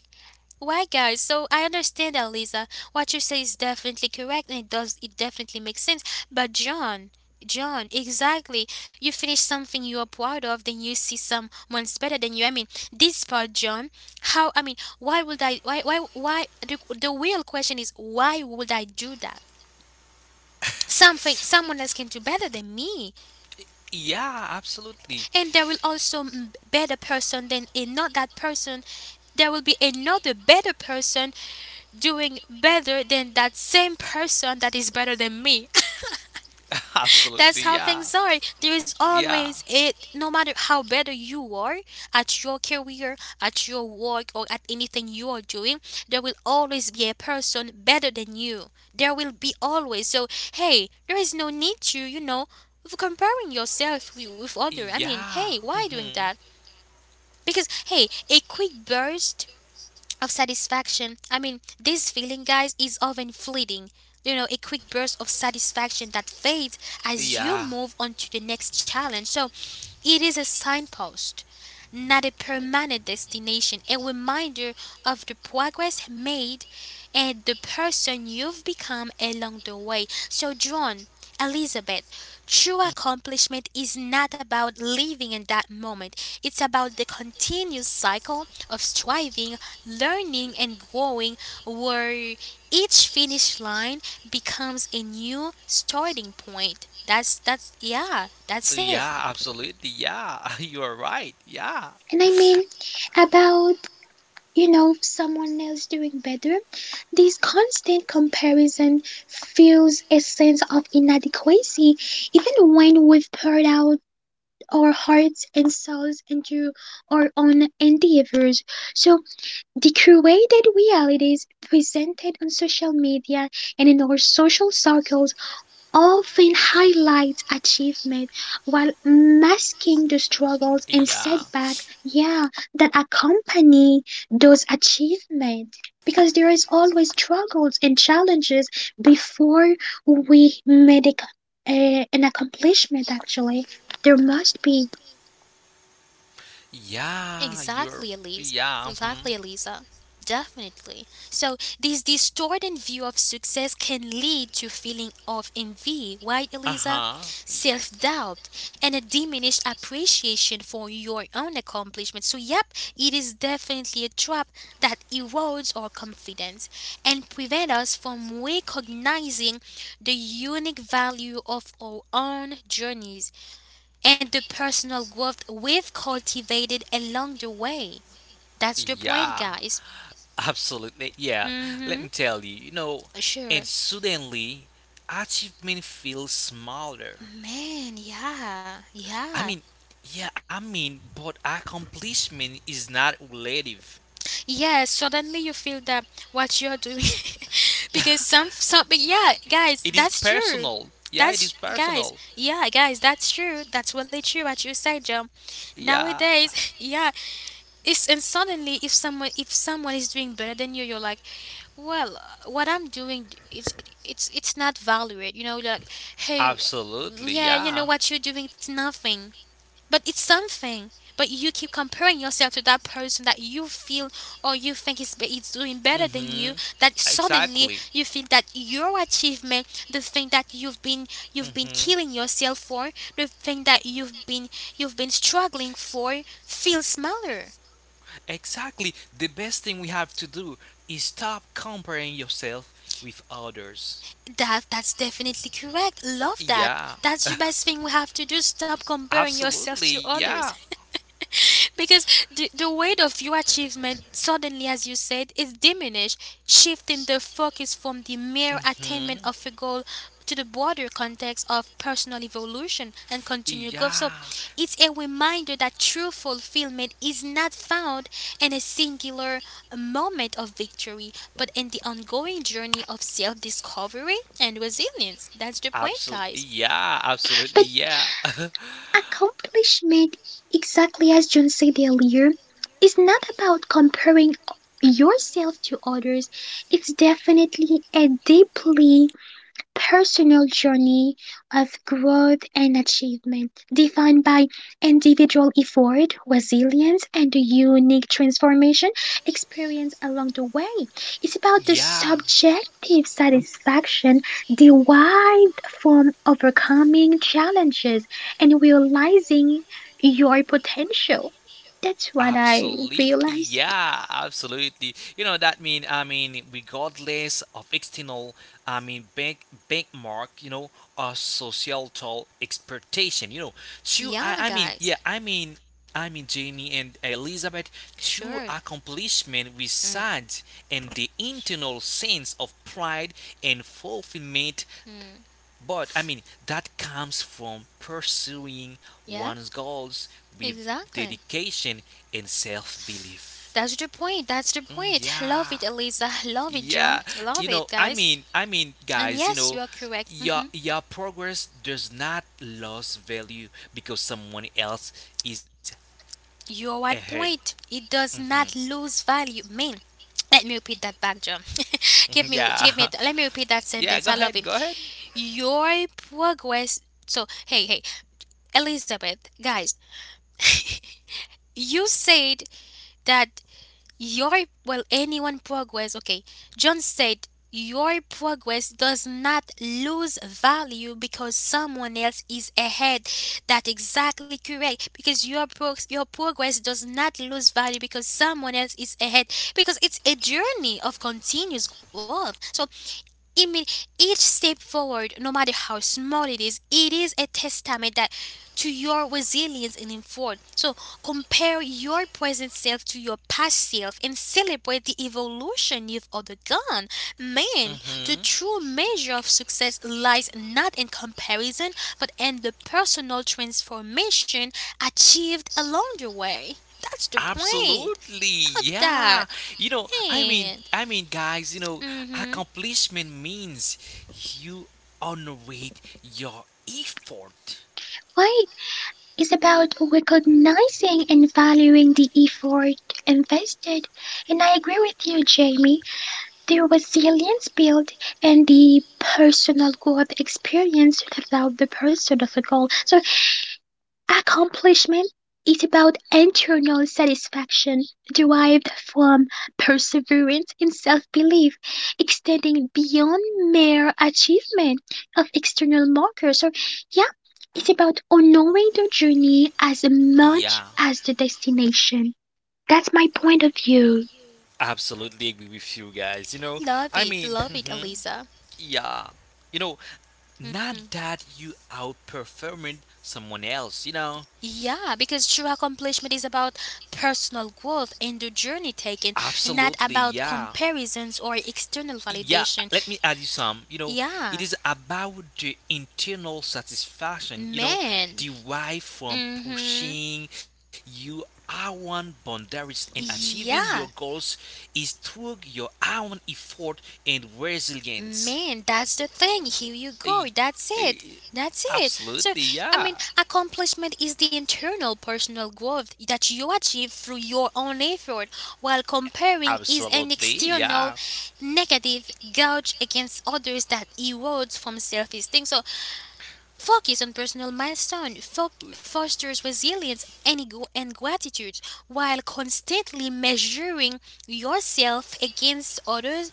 [SPEAKER 1] Why, guys. So I understand that, Lisa. What you say is definitely correct, and it does. It definitely makes sense. But John, John, exactly. You finish something you are proud of, then you see someone's better than you. I mean, this part, John. How? I mean, why would I? Why? Why? Why? The real question is, why would I do that? Something, someone else can do better than me,
[SPEAKER 2] Yeah, absolutely.
[SPEAKER 1] and there will also m- better person than a not that person there will be another better person doing better than that same person that is better than me.
[SPEAKER 2] Absolutely.
[SPEAKER 1] That's how
[SPEAKER 2] Yeah.
[SPEAKER 1] things are. There is
[SPEAKER 2] Yeah.
[SPEAKER 1] always it, no matter how better you are at your career, at your work, or at anything you are doing, there will always be a person better than you. There will be always. So, hey, there is no need to, you know, of comparing yourself with other. I mean,
[SPEAKER 2] Yeah.
[SPEAKER 1] hey, why doing
[SPEAKER 2] Hmm,
[SPEAKER 1] that? Because, hey, a quick burst of satisfaction. I mean, this feeling, guys, is often fleeting. You know, a quick burst of satisfaction that fades as you
[SPEAKER 2] yeah.
[SPEAKER 1] move on to the next challenge. So, it is a signpost, not a permanent destination, a reminder of the progress made and the person you've become along the way. So, John, Elizabeth, true accomplishment is not about living in that moment, it's about the continuous cycle of striving, learning, and growing, where each finish line becomes a new starting point. That's yeah, that's it.
[SPEAKER 2] Yeah, absolutely. Yeah, you are right. Yeah.
[SPEAKER 3] And I mean, about you know someone else doing better this constant comparison fuels a sense of inadequacy even when we've poured out our hearts and souls into our own endeavors. So, the curated realities presented on social media and in our social circles often highlight achievement while masking the struggles and
[SPEAKER 2] Yeah.
[SPEAKER 3] setbacks, yeah, that accompany those achievements. Because there is always struggles and challenges before we make an accomplishment, actually. There must be.
[SPEAKER 2] Yeah, you're.
[SPEAKER 1] Exactly, Elise.
[SPEAKER 2] Yeah. Mhm.
[SPEAKER 1] Exactly, Elisa. Definitely. So this distorted view of success can lead to feeling of envy, right, Elisa?
[SPEAKER 2] Uh-huh.
[SPEAKER 1] Self-doubt and a diminished appreciation for your own accomplishments. So yep, it is definitely a trap that erodes our confidence and prevent us from recognizing the unique value of our own journeys and the personal growth we've cultivated along the way. That's the point,
[SPEAKER 2] Yeah.
[SPEAKER 1] guys.
[SPEAKER 2] Absolutely. Yeah. Let me
[SPEAKER 1] Mm-hmm.
[SPEAKER 2] tell you, and
[SPEAKER 1] Sure.
[SPEAKER 2] suddenly achievement feels smaller.
[SPEAKER 1] Man, yeah,
[SPEAKER 2] I
[SPEAKER 1] yeah.
[SPEAKER 2] mean, yeah, I mean, but accomplishment is not relative.
[SPEAKER 1] Yeah, suddenly you feel that what you're doing because something, yeah, guys,
[SPEAKER 2] It is
[SPEAKER 1] that's true.
[SPEAKER 2] personal. Yeah, it is personal.
[SPEAKER 1] Guys, that's true. That's really true what you said, John.
[SPEAKER 2] Yeah.
[SPEAKER 1] Nowadays, yeah, it's, and suddenly if someone is doing better than you, you're like, well, what I'm it's it's not valued. You know, like, hey,
[SPEAKER 2] Absolutely.
[SPEAKER 1] yeah, you know
[SPEAKER 2] Yeah.
[SPEAKER 1] what you're doing. It's nothing, but it's something. But you keep comparing yourself to that person that you feel or you think is doing better than you.
[SPEAKER 2] Mhm.
[SPEAKER 1] That suddenly
[SPEAKER 2] Exactly.
[SPEAKER 1] you feel that your achievement, the thing that you've been
[SPEAKER 2] Mm-hmm.
[SPEAKER 1] killing yourself for, the thing that you've been struggling for, feels smaller.
[SPEAKER 2] Exactly. The best thing we have to do is stop comparing yourself with others.
[SPEAKER 1] That's definitely correct. Love that.
[SPEAKER 2] Yeah,
[SPEAKER 1] That's the best thing we have to do. Stop comparing yourself
[SPEAKER 2] absolutely.
[SPEAKER 1] to
[SPEAKER 2] Yeah.
[SPEAKER 1] others. Because the weight of your achievement suddenly, as you said, is diminished, shifting the focus from the mere
[SPEAKER 2] Hmm.
[SPEAKER 1] attainment of a goal to the broader context of personal evolution and continued growth. So
[SPEAKER 2] Yeah.
[SPEAKER 1] it's a reminder that true fulfillment is not found in a singular moment of victory, but in the ongoing journey of self discovery and resilience. That's the point,
[SPEAKER 2] Absolutely.
[SPEAKER 1] guys.
[SPEAKER 2] Yeah, absolutely.
[SPEAKER 3] But
[SPEAKER 2] Yeah.
[SPEAKER 3] accomplishment, exactly as John said earlier, is not about comparing yourself to others. It's definitely a deeply personal journey of growth and achievement, defined by individual effort, resilience, and the unique transformation experience along the way. It's about the
[SPEAKER 2] Yeah.
[SPEAKER 3] subjective satisfaction derived from overcoming challenges and realizing your potential. That's what I
[SPEAKER 2] Absolutely,
[SPEAKER 3] realized.
[SPEAKER 2] yeah, absolutely. You know that mean I mean regardless of external, I mean bank benchmark, or societal expectation. Two.
[SPEAKER 1] Yeah,
[SPEAKER 2] I, I mean,
[SPEAKER 1] guys.
[SPEAKER 2] yeah, I mean, I mean, Jamie and Elizabeth, two
[SPEAKER 1] Sure.
[SPEAKER 2] accomplishment resides in the internal sense of pride and fulfillment
[SPEAKER 1] Mm-hmm.
[SPEAKER 2] but I mean, that comes from pursuing
[SPEAKER 1] Yeah,
[SPEAKER 2] one's goals with
[SPEAKER 1] exactly.
[SPEAKER 2] dedication and self-belief.
[SPEAKER 1] That's the point. That's the
[SPEAKER 2] Mm,
[SPEAKER 1] point.
[SPEAKER 2] yeah.
[SPEAKER 1] Love it, Eliza. Love it,
[SPEAKER 2] Yeah.
[SPEAKER 1] John. Love it,
[SPEAKER 2] I
[SPEAKER 1] guys.
[SPEAKER 2] mean,
[SPEAKER 1] And
[SPEAKER 2] guys,
[SPEAKER 1] yes, you are correct.
[SPEAKER 2] your
[SPEAKER 1] Hmm.
[SPEAKER 2] your progress does not lose value because someone else is
[SPEAKER 1] You're at
[SPEAKER 2] ahead.
[SPEAKER 1] point. It does not lose value. Man, let me repeat that back, John.
[SPEAKER 2] Mhm,
[SPEAKER 1] give me, give
[SPEAKER 2] yeah.
[SPEAKER 1] me. Let me repeat that
[SPEAKER 2] Yeah,
[SPEAKER 1] sentence.
[SPEAKER 2] go
[SPEAKER 1] I love
[SPEAKER 2] ahead.
[SPEAKER 1] it.
[SPEAKER 2] Go ahead.
[SPEAKER 1] Your progress. So hey, hey, Elizabeth, guys, you said that your, well, anyone progress, okay. John said, your progress does not lose value because someone else is ahead. That's exactly correct. Because your, your progress does not lose value because someone else is ahead. Because it's a journey of continuous growth. So I mean, each step forward, no matter how small it is a testament that to your resilience and effort. So compare your present self to your past self and celebrate the evolution you've undergone. Man, the
[SPEAKER 2] Mhm.
[SPEAKER 1] true measure of success lies not in comparison, but in the personal transformation achieved along the way. That's the point.
[SPEAKER 2] Absolutely,
[SPEAKER 1] Love
[SPEAKER 2] yeah.
[SPEAKER 1] that.
[SPEAKER 2] I mean,
[SPEAKER 1] Man.
[SPEAKER 2] guys,
[SPEAKER 1] Mm-hmm.
[SPEAKER 2] accomplishment means you honorate your effort.
[SPEAKER 3] Why is about recognizing and valuing the effort invested. And I agree with you, Jamie. The resilience built and the personal growth experience throughout the pursuit of a goal. So accomplishment is about internal satisfaction derived from perseverance and self belief, extending beyond mere achievement of external markers. Or, yeah, it's about honoring the journey as
[SPEAKER 2] Yeah,
[SPEAKER 3] much as the destination. That's my point of view.
[SPEAKER 2] absolutely agree with you guys.
[SPEAKER 1] Love
[SPEAKER 2] I
[SPEAKER 1] it.
[SPEAKER 2] mean,
[SPEAKER 1] Love it,
[SPEAKER 2] mhm,
[SPEAKER 1] Eliza.
[SPEAKER 2] yeah. You know, Not that you outperforming someone else.
[SPEAKER 1] Yeah, because true accomplishment is about personal growth and the journey taken, not
[SPEAKER 2] Absolutely,
[SPEAKER 1] about
[SPEAKER 2] yeah.
[SPEAKER 1] comparisons or external
[SPEAKER 2] Yeah,
[SPEAKER 1] validation.
[SPEAKER 2] let me add you some, it
[SPEAKER 1] Yeah,
[SPEAKER 2] is about the internal satisfaction,
[SPEAKER 1] man.
[SPEAKER 2] derived from
[SPEAKER 1] Mm-hmm.
[SPEAKER 2] pushing your own boundaries and achieving your
[SPEAKER 1] Yeah.
[SPEAKER 2] goals is through your own effort and resilience.
[SPEAKER 1] Man, that's the thing. Here you
[SPEAKER 2] Eh,
[SPEAKER 1] go. That's it.
[SPEAKER 2] eh,
[SPEAKER 1] That's it. So,
[SPEAKER 2] Absolutely,
[SPEAKER 1] I mean,
[SPEAKER 2] yeah,
[SPEAKER 1] accomplishment is the internal personal growth that you achieve through your own effort, while comparing is an
[SPEAKER 2] absolutely, yeah,
[SPEAKER 1] external negative gouge against others that erodes from self esteem. So, focus on personal milestone fosters resilience and gratitude while constantly measuring yourself against others.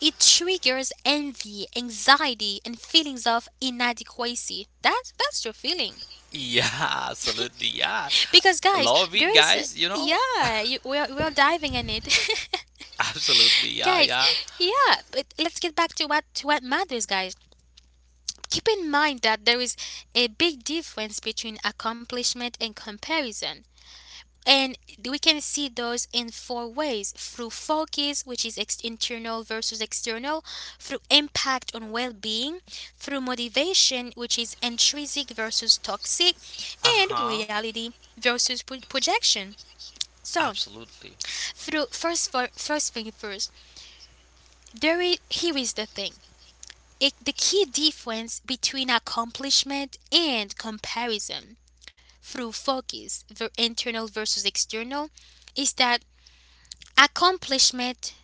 [SPEAKER 1] It triggers envy, anxiety, and feelings of inadequacy. That's your feeling
[SPEAKER 2] yeah. Absolutely, yeah,
[SPEAKER 1] because
[SPEAKER 2] love
[SPEAKER 1] guys,
[SPEAKER 2] it
[SPEAKER 1] there
[SPEAKER 2] guys
[SPEAKER 1] is
[SPEAKER 2] you
[SPEAKER 1] a,
[SPEAKER 2] know
[SPEAKER 1] yeah, you, we're diving in it.
[SPEAKER 2] absolutely, yeah, yeah,
[SPEAKER 1] Guys, yeah, but let's get back to what matters, guys. Keep in mind that there is a big difference between accomplishment and comparison. And we can see those in four ways: through focus, which is internal versus external, through impact on well being, through motivation, which is intrinsic versus toxic, and
[SPEAKER 2] uh-huh,
[SPEAKER 1] reality versus projection. So,
[SPEAKER 2] absolutely.
[SPEAKER 1] through first, first thing first, there is, here is the thing. It, the key difference between accomplishment and comparison through focus, the internal versus external, is that accomplishment.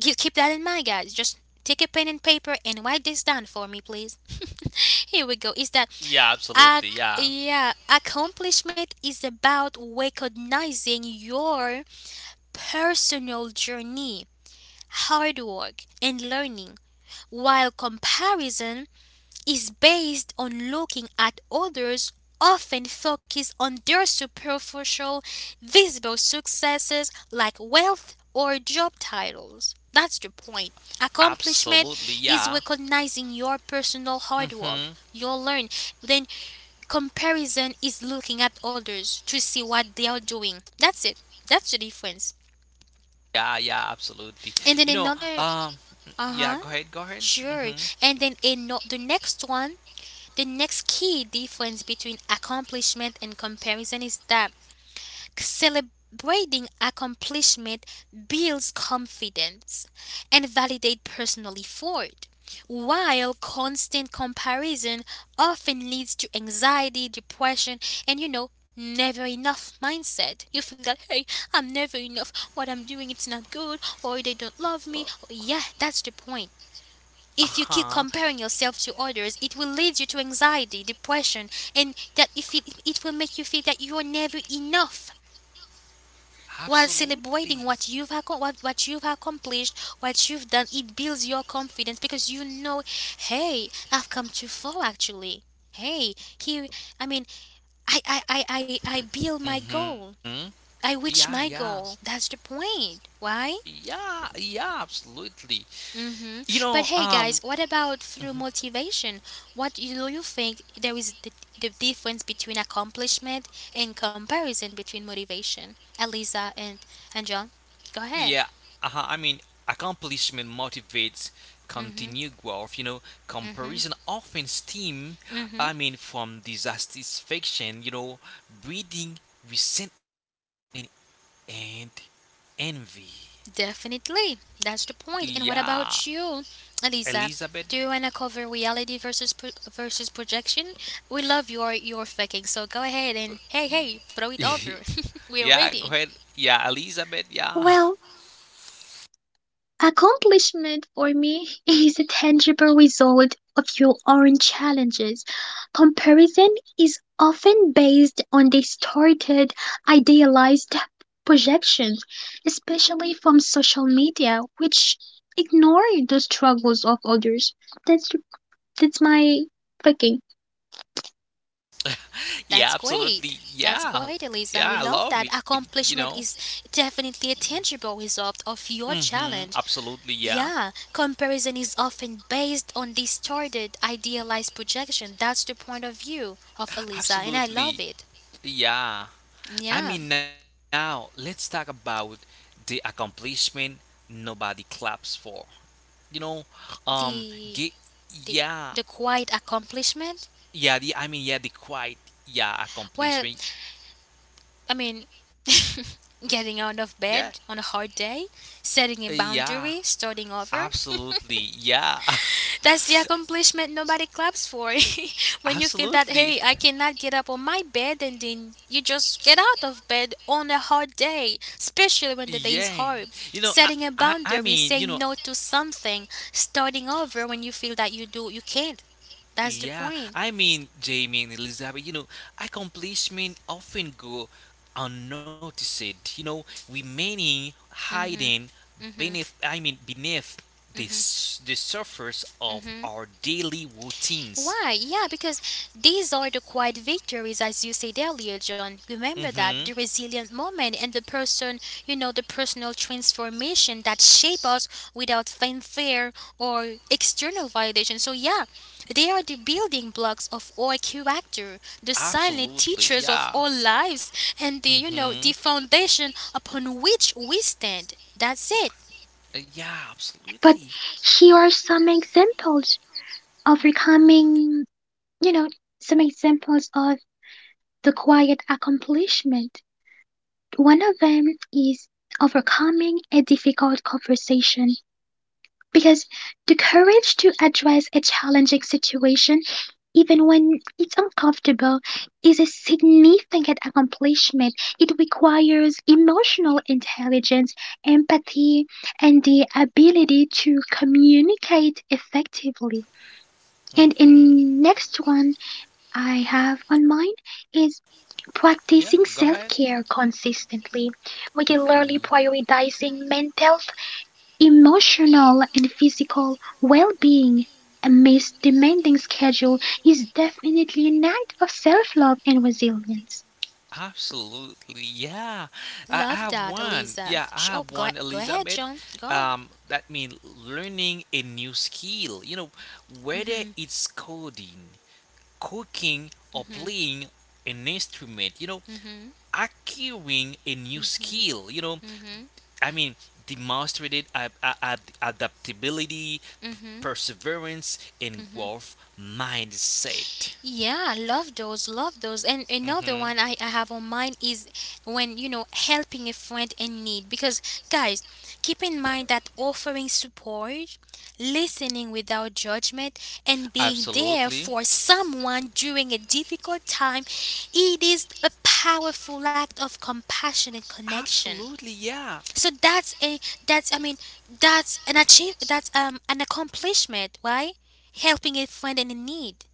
[SPEAKER 1] Keep, keep that in mind, guys. Just take a pen and paper and write this down for me, please. Here we go. Is that
[SPEAKER 2] Yeah, absolutely.
[SPEAKER 1] ac-
[SPEAKER 2] Yeah,
[SPEAKER 1] yeah, accomplishment is about recognizing your personal journey, hard work, and learning, while comparison is based on looking at others, often focus on their superficial visible successes like wealth or job titles. That's the point.
[SPEAKER 2] absolutely.
[SPEAKER 1] Accomplishment is
[SPEAKER 2] Yeah.
[SPEAKER 1] recognizing your personal hard work
[SPEAKER 2] Mm-hmm.
[SPEAKER 1] you learn, then comparison is looking at others to see what they are doing. That's it. That's the difference.
[SPEAKER 2] Yeah, yeah, absolutely. You know,
[SPEAKER 1] And then
[SPEAKER 2] um,
[SPEAKER 1] another.
[SPEAKER 2] yeah. Go ahead. Go
[SPEAKER 1] Uh-huh.
[SPEAKER 2] ahead. Mm-hmm.
[SPEAKER 1] Sure. And then the next one. The next key difference between accomplishment and comparison is that celebrating accomplishment builds confidence and validates personal effort, while constant comparison often leads to anxiety, depression, and you know, never enough mindset. You feel that, hey, I'm never enough, what I'm doing, it's not good, or they don't love me. Oh, yeah, that's the point.
[SPEAKER 2] Uh
[SPEAKER 1] If
[SPEAKER 2] huh.
[SPEAKER 1] you keep comparing yourself to others, it will lead you to anxiety, depression, and that if it, it will make you feel that you are never enough. While
[SPEAKER 2] Absolutely.
[SPEAKER 1] celebrating what what you've accomplished, what you've done, it builds your confidence because you know, hey, I've come too far actually. Hey, here, I mean, I build my
[SPEAKER 2] Mm-hmm.
[SPEAKER 1] goal. I
[SPEAKER 2] Yeah,
[SPEAKER 1] reach
[SPEAKER 2] yeah,
[SPEAKER 1] my goal. That's the point. Why?
[SPEAKER 2] yeah, yeah, absolutely. You
[SPEAKER 1] Mm-hmm.
[SPEAKER 2] know,
[SPEAKER 1] But
[SPEAKER 2] um,
[SPEAKER 1] hey, guys, what about through motivation? What do you think there is the difference between accomplishment and comparison between motivation? Eliza and John, go
[SPEAKER 2] Yeah,
[SPEAKER 1] ahead.
[SPEAKER 2] I mean, accomplishment motivates continued growth. Comparison often stems,
[SPEAKER 1] Mm-hmm.
[SPEAKER 2] I mean, from dissatisfaction, breeding resentment and envy.
[SPEAKER 1] Definitely, that's the point. And what
[SPEAKER 2] Yeah,
[SPEAKER 1] about you, Eliza?
[SPEAKER 2] Elizabeth.
[SPEAKER 1] Do you wanna cover reality versus versus projection? We love your thinking. So go ahead and hey, hey, throw it over. We are
[SPEAKER 2] Yeah, go
[SPEAKER 1] waiting.
[SPEAKER 2] ahead. Yeah, Elizabeth. Yeah,
[SPEAKER 3] Well, accomplishment for me is a tangible result of your own challenges. Comparison is often based on distorted, idealized projections, especially from social media, which ignore the struggles of others. That's that's my thinking.
[SPEAKER 2] yeah,
[SPEAKER 1] That's
[SPEAKER 2] absolutely.
[SPEAKER 1] great. That's
[SPEAKER 2] Yeah,
[SPEAKER 1] great, Elisa.
[SPEAKER 2] yeah,
[SPEAKER 1] We
[SPEAKER 2] I
[SPEAKER 1] love
[SPEAKER 2] love
[SPEAKER 1] that.
[SPEAKER 2] it, you know.
[SPEAKER 1] Accomplishment is definitely a tangible result of
[SPEAKER 2] Mm
[SPEAKER 1] your
[SPEAKER 2] hmm,
[SPEAKER 1] challenge.
[SPEAKER 2] absolutely. Yeah,
[SPEAKER 1] Yeah, comparison is often based on distorted, idealized projection. That's the point of view of Elisa, and I love
[SPEAKER 2] absolutely.
[SPEAKER 1] it.
[SPEAKER 2] Yeah. I
[SPEAKER 1] Yeah,
[SPEAKER 2] mean, now let's talk about the accomplishment nobody claps for. You know, um, ge-
[SPEAKER 1] the the
[SPEAKER 2] yeah,
[SPEAKER 1] the quiet accomplishment.
[SPEAKER 2] yeah. The I mean, yeah, the quiet, yeah,
[SPEAKER 1] Well,
[SPEAKER 2] accomplishment.
[SPEAKER 1] I mean, getting out
[SPEAKER 2] Yeah,
[SPEAKER 1] of bed on a hard day, setting a
[SPEAKER 2] yeah,
[SPEAKER 1] boundary, starting over.
[SPEAKER 2] absolutely, yeah,
[SPEAKER 1] That's the accomplishment nobody claps for. When you feel that,
[SPEAKER 2] absolutely,
[SPEAKER 1] hey, I cannot get up on my bed, and then you just get out of bed on a hard
[SPEAKER 2] yeah.
[SPEAKER 1] day,
[SPEAKER 2] You know,
[SPEAKER 1] especially
[SPEAKER 2] I,
[SPEAKER 1] when the day is
[SPEAKER 2] I, I
[SPEAKER 1] hard.
[SPEAKER 2] mean,
[SPEAKER 1] Setting a boundary, say no to something, starting over when you feel that you do, you can't. That's the
[SPEAKER 2] Yeah, I
[SPEAKER 1] point.
[SPEAKER 2] mean, Jamie and Elizabeth, accomplishments often go unnoticed, remaining
[SPEAKER 1] Mhm.
[SPEAKER 2] hiding
[SPEAKER 1] Mhm.
[SPEAKER 2] beneath, I mean, beneath the,
[SPEAKER 1] Mhm.
[SPEAKER 2] s- the surface of
[SPEAKER 1] Mhm.
[SPEAKER 2] our daily routines.
[SPEAKER 1] Why? Yeah, because these are the quiet victories, as you said earlier, John. Remember that
[SPEAKER 2] Mm-hmm.
[SPEAKER 1] the resilient moment and the person, you know, the personal transformation that shape us without fanfare or external validation. So yeah, they are the building blocks of our character, the silent
[SPEAKER 2] Absolutely,
[SPEAKER 1] teachers of
[SPEAKER 2] yeah.
[SPEAKER 1] our lives, and the you know the
[SPEAKER 2] Mm-hmm.
[SPEAKER 1] foundation upon which we stand. That's it.
[SPEAKER 2] Yeah,
[SPEAKER 3] But
[SPEAKER 2] absolutely.
[SPEAKER 3] here are some examples overcoming, you know, some examples of the quiet accomplishment. One of them is overcoming a difficult conversation because the courage to address a challenging situation, even when it's uncomfortable, is a significant accomplishment. It requires emotional intelligence, empathy, and the ability to communicate effectively. And
[SPEAKER 2] Mm-hmm.
[SPEAKER 3] in next one I have on mind is
[SPEAKER 2] Yeah,
[SPEAKER 3] practicing
[SPEAKER 2] go
[SPEAKER 3] self
[SPEAKER 2] ahead.
[SPEAKER 3] care consistently, regularly prioritizing mental, emotional, and physical well being amidst demanding schedule is definitely an act of self love and resilience.
[SPEAKER 2] Absolutely, yeah. I
[SPEAKER 1] Love
[SPEAKER 2] have
[SPEAKER 1] that,
[SPEAKER 2] one.
[SPEAKER 1] Eliza.
[SPEAKER 2] Yeah, I
[SPEAKER 1] Sh- oh,
[SPEAKER 2] have
[SPEAKER 1] go,
[SPEAKER 2] one,
[SPEAKER 1] go ahead,
[SPEAKER 2] Elizabeth.
[SPEAKER 1] John. Go.
[SPEAKER 2] That means learning a new skill. Whether
[SPEAKER 1] Mm-hmm.
[SPEAKER 2] it's coding, cooking, or
[SPEAKER 1] Mm-hmm.
[SPEAKER 2] playing an instrument. Acquiring a new skill. I mean, demonstrated adaptability, perseverance, and growth mindset.
[SPEAKER 1] Yeah, love those, love those. And another
[SPEAKER 2] Hmm.
[SPEAKER 1] one I have on mind is when, you know, helping a friend in need. Because, guys, keep in mind that offering support, listening without judgment, and being there
[SPEAKER 2] Absolutely.
[SPEAKER 1] for someone during a difficult time, it is a powerful act of compassionate connection.
[SPEAKER 2] Absolutely, yeah.
[SPEAKER 1] So that's a that's I mean that's an achieve that's an accomplishment, right? Helping a friend in need.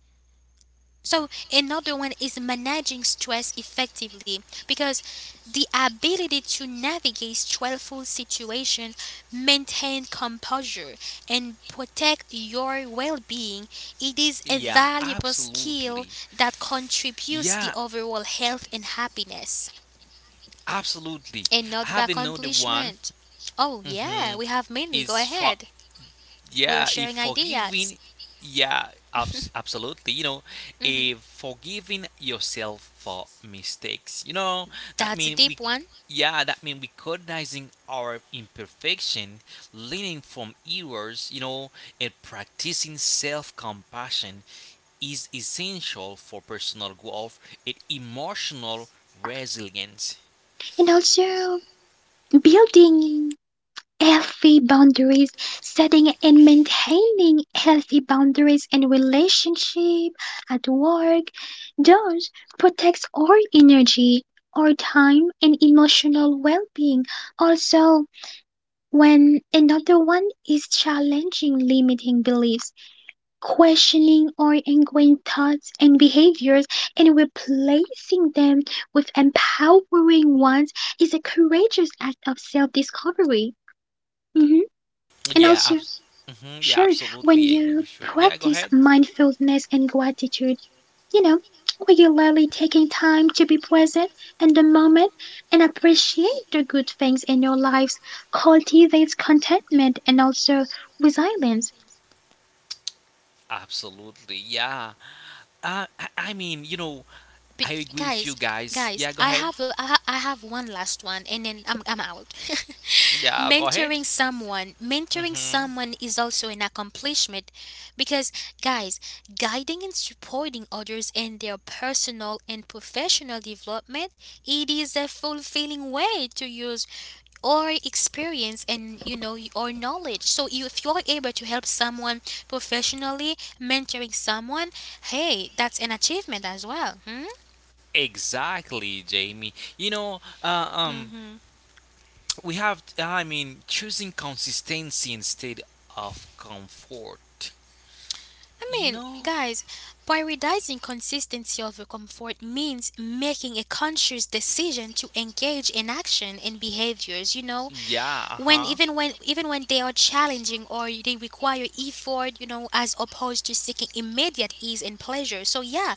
[SPEAKER 1] So another one is managing stress effectively because the ability to navigate stressful situations, maintain composure, and protect your well-being, it is a
[SPEAKER 2] Yeah,
[SPEAKER 1] valuable skill
[SPEAKER 2] absolutely.
[SPEAKER 1] that contributes to the
[SPEAKER 2] Yeah,
[SPEAKER 1] overall health and happiness.
[SPEAKER 2] absolutely. I
[SPEAKER 1] Another
[SPEAKER 2] have another one.
[SPEAKER 1] accomplishment. Oh
[SPEAKER 2] Hmm.
[SPEAKER 1] yeah, we have many. Go
[SPEAKER 2] Is for
[SPEAKER 1] ahead. We are
[SPEAKER 2] yeah, if
[SPEAKER 1] sharing ideas.
[SPEAKER 2] forgiving, absolutely.
[SPEAKER 1] Hmm.
[SPEAKER 2] If forgiving yourself for mistakes, that
[SPEAKER 1] That's a
[SPEAKER 2] mean we,
[SPEAKER 1] deep one.
[SPEAKER 2] yeah, that mean recognizing our imperfection, learning from errors, and practicing self-compassion is essential for personal growth and emotional resilience.
[SPEAKER 3] And also building healthy boundaries, setting and maintaining healthy boundaries in relationship, at work. Those protects our energy, our time and emotional well-being. Also, when another one is challenging limiting beliefs, questioning our ingrained thoughts and behaviors and replacing them with empowering ones is a courageous act of self-discovery. Mhm. And
[SPEAKER 2] Yeah,
[SPEAKER 3] also sure, when
[SPEAKER 2] absolutely agree
[SPEAKER 3] you
[SPEAKER 2] with you. Yeah, go
[SPEAKER 3] practice
[SPEAKER 2] ahead.
[SPEAKER 3] mindfulness and gratitude, you know, regularly taking time to be present in the moment and appreciate the good things in your lives cultivates contentment and also resilience.
[SPEAKER 2] Absolutely, yeah. I mean,
[SPEAKER 1] But
[SPEAKER 2] I agree with you
[SPEAKER 1] guys,
[SPEAKER 2] guys.
[SPEAKER 1] guys,
[SPEAKER 2] Yeah, go
[SPEAKER 1] I
[SPEAKER 2] ahead.
[SPEAKER 1] have I have one last one, and then I'm out.
[SPEAKER 2] Yeah, go ahead.
[SPEAKER 1] Mentoring someone, mentoring
[SPEAKER 2] Hmm.
[SPEAKER 1] someone is also an accomplishment, because guys, guiding and supporting others in their personal and professional development, it is a fulfilling way to use or experience and you know or knowledge. So you, if you're able to help someone professionally, mentoring someone, hey, that's an achievement as well. Hmm?
[SPEAKER 2] Exactly, Jamie. You know, uh, um,
[SPEAKER 1] Hmm.
[SPEAKER 2] we have, I mean, choosing consistency instead of comfort.
[SPEAKER 1] I
[SPEAKER 2] You
[SPEAKER 1] mean,
[SPEAKER 2] know?
[SPEAKER 1] guys, prioritizing consistency over comfort means making a conscious decision to engage in action and behaviors, you know,
[SPEAKER 2] Yeah, uh
[SPEAKER 1] when
[SPEAKER 2] huh.
[SPEAKER 1] even when they are challenging or they require effort, you know, as opposed to seeking immediate ease and pleasure. So yeah,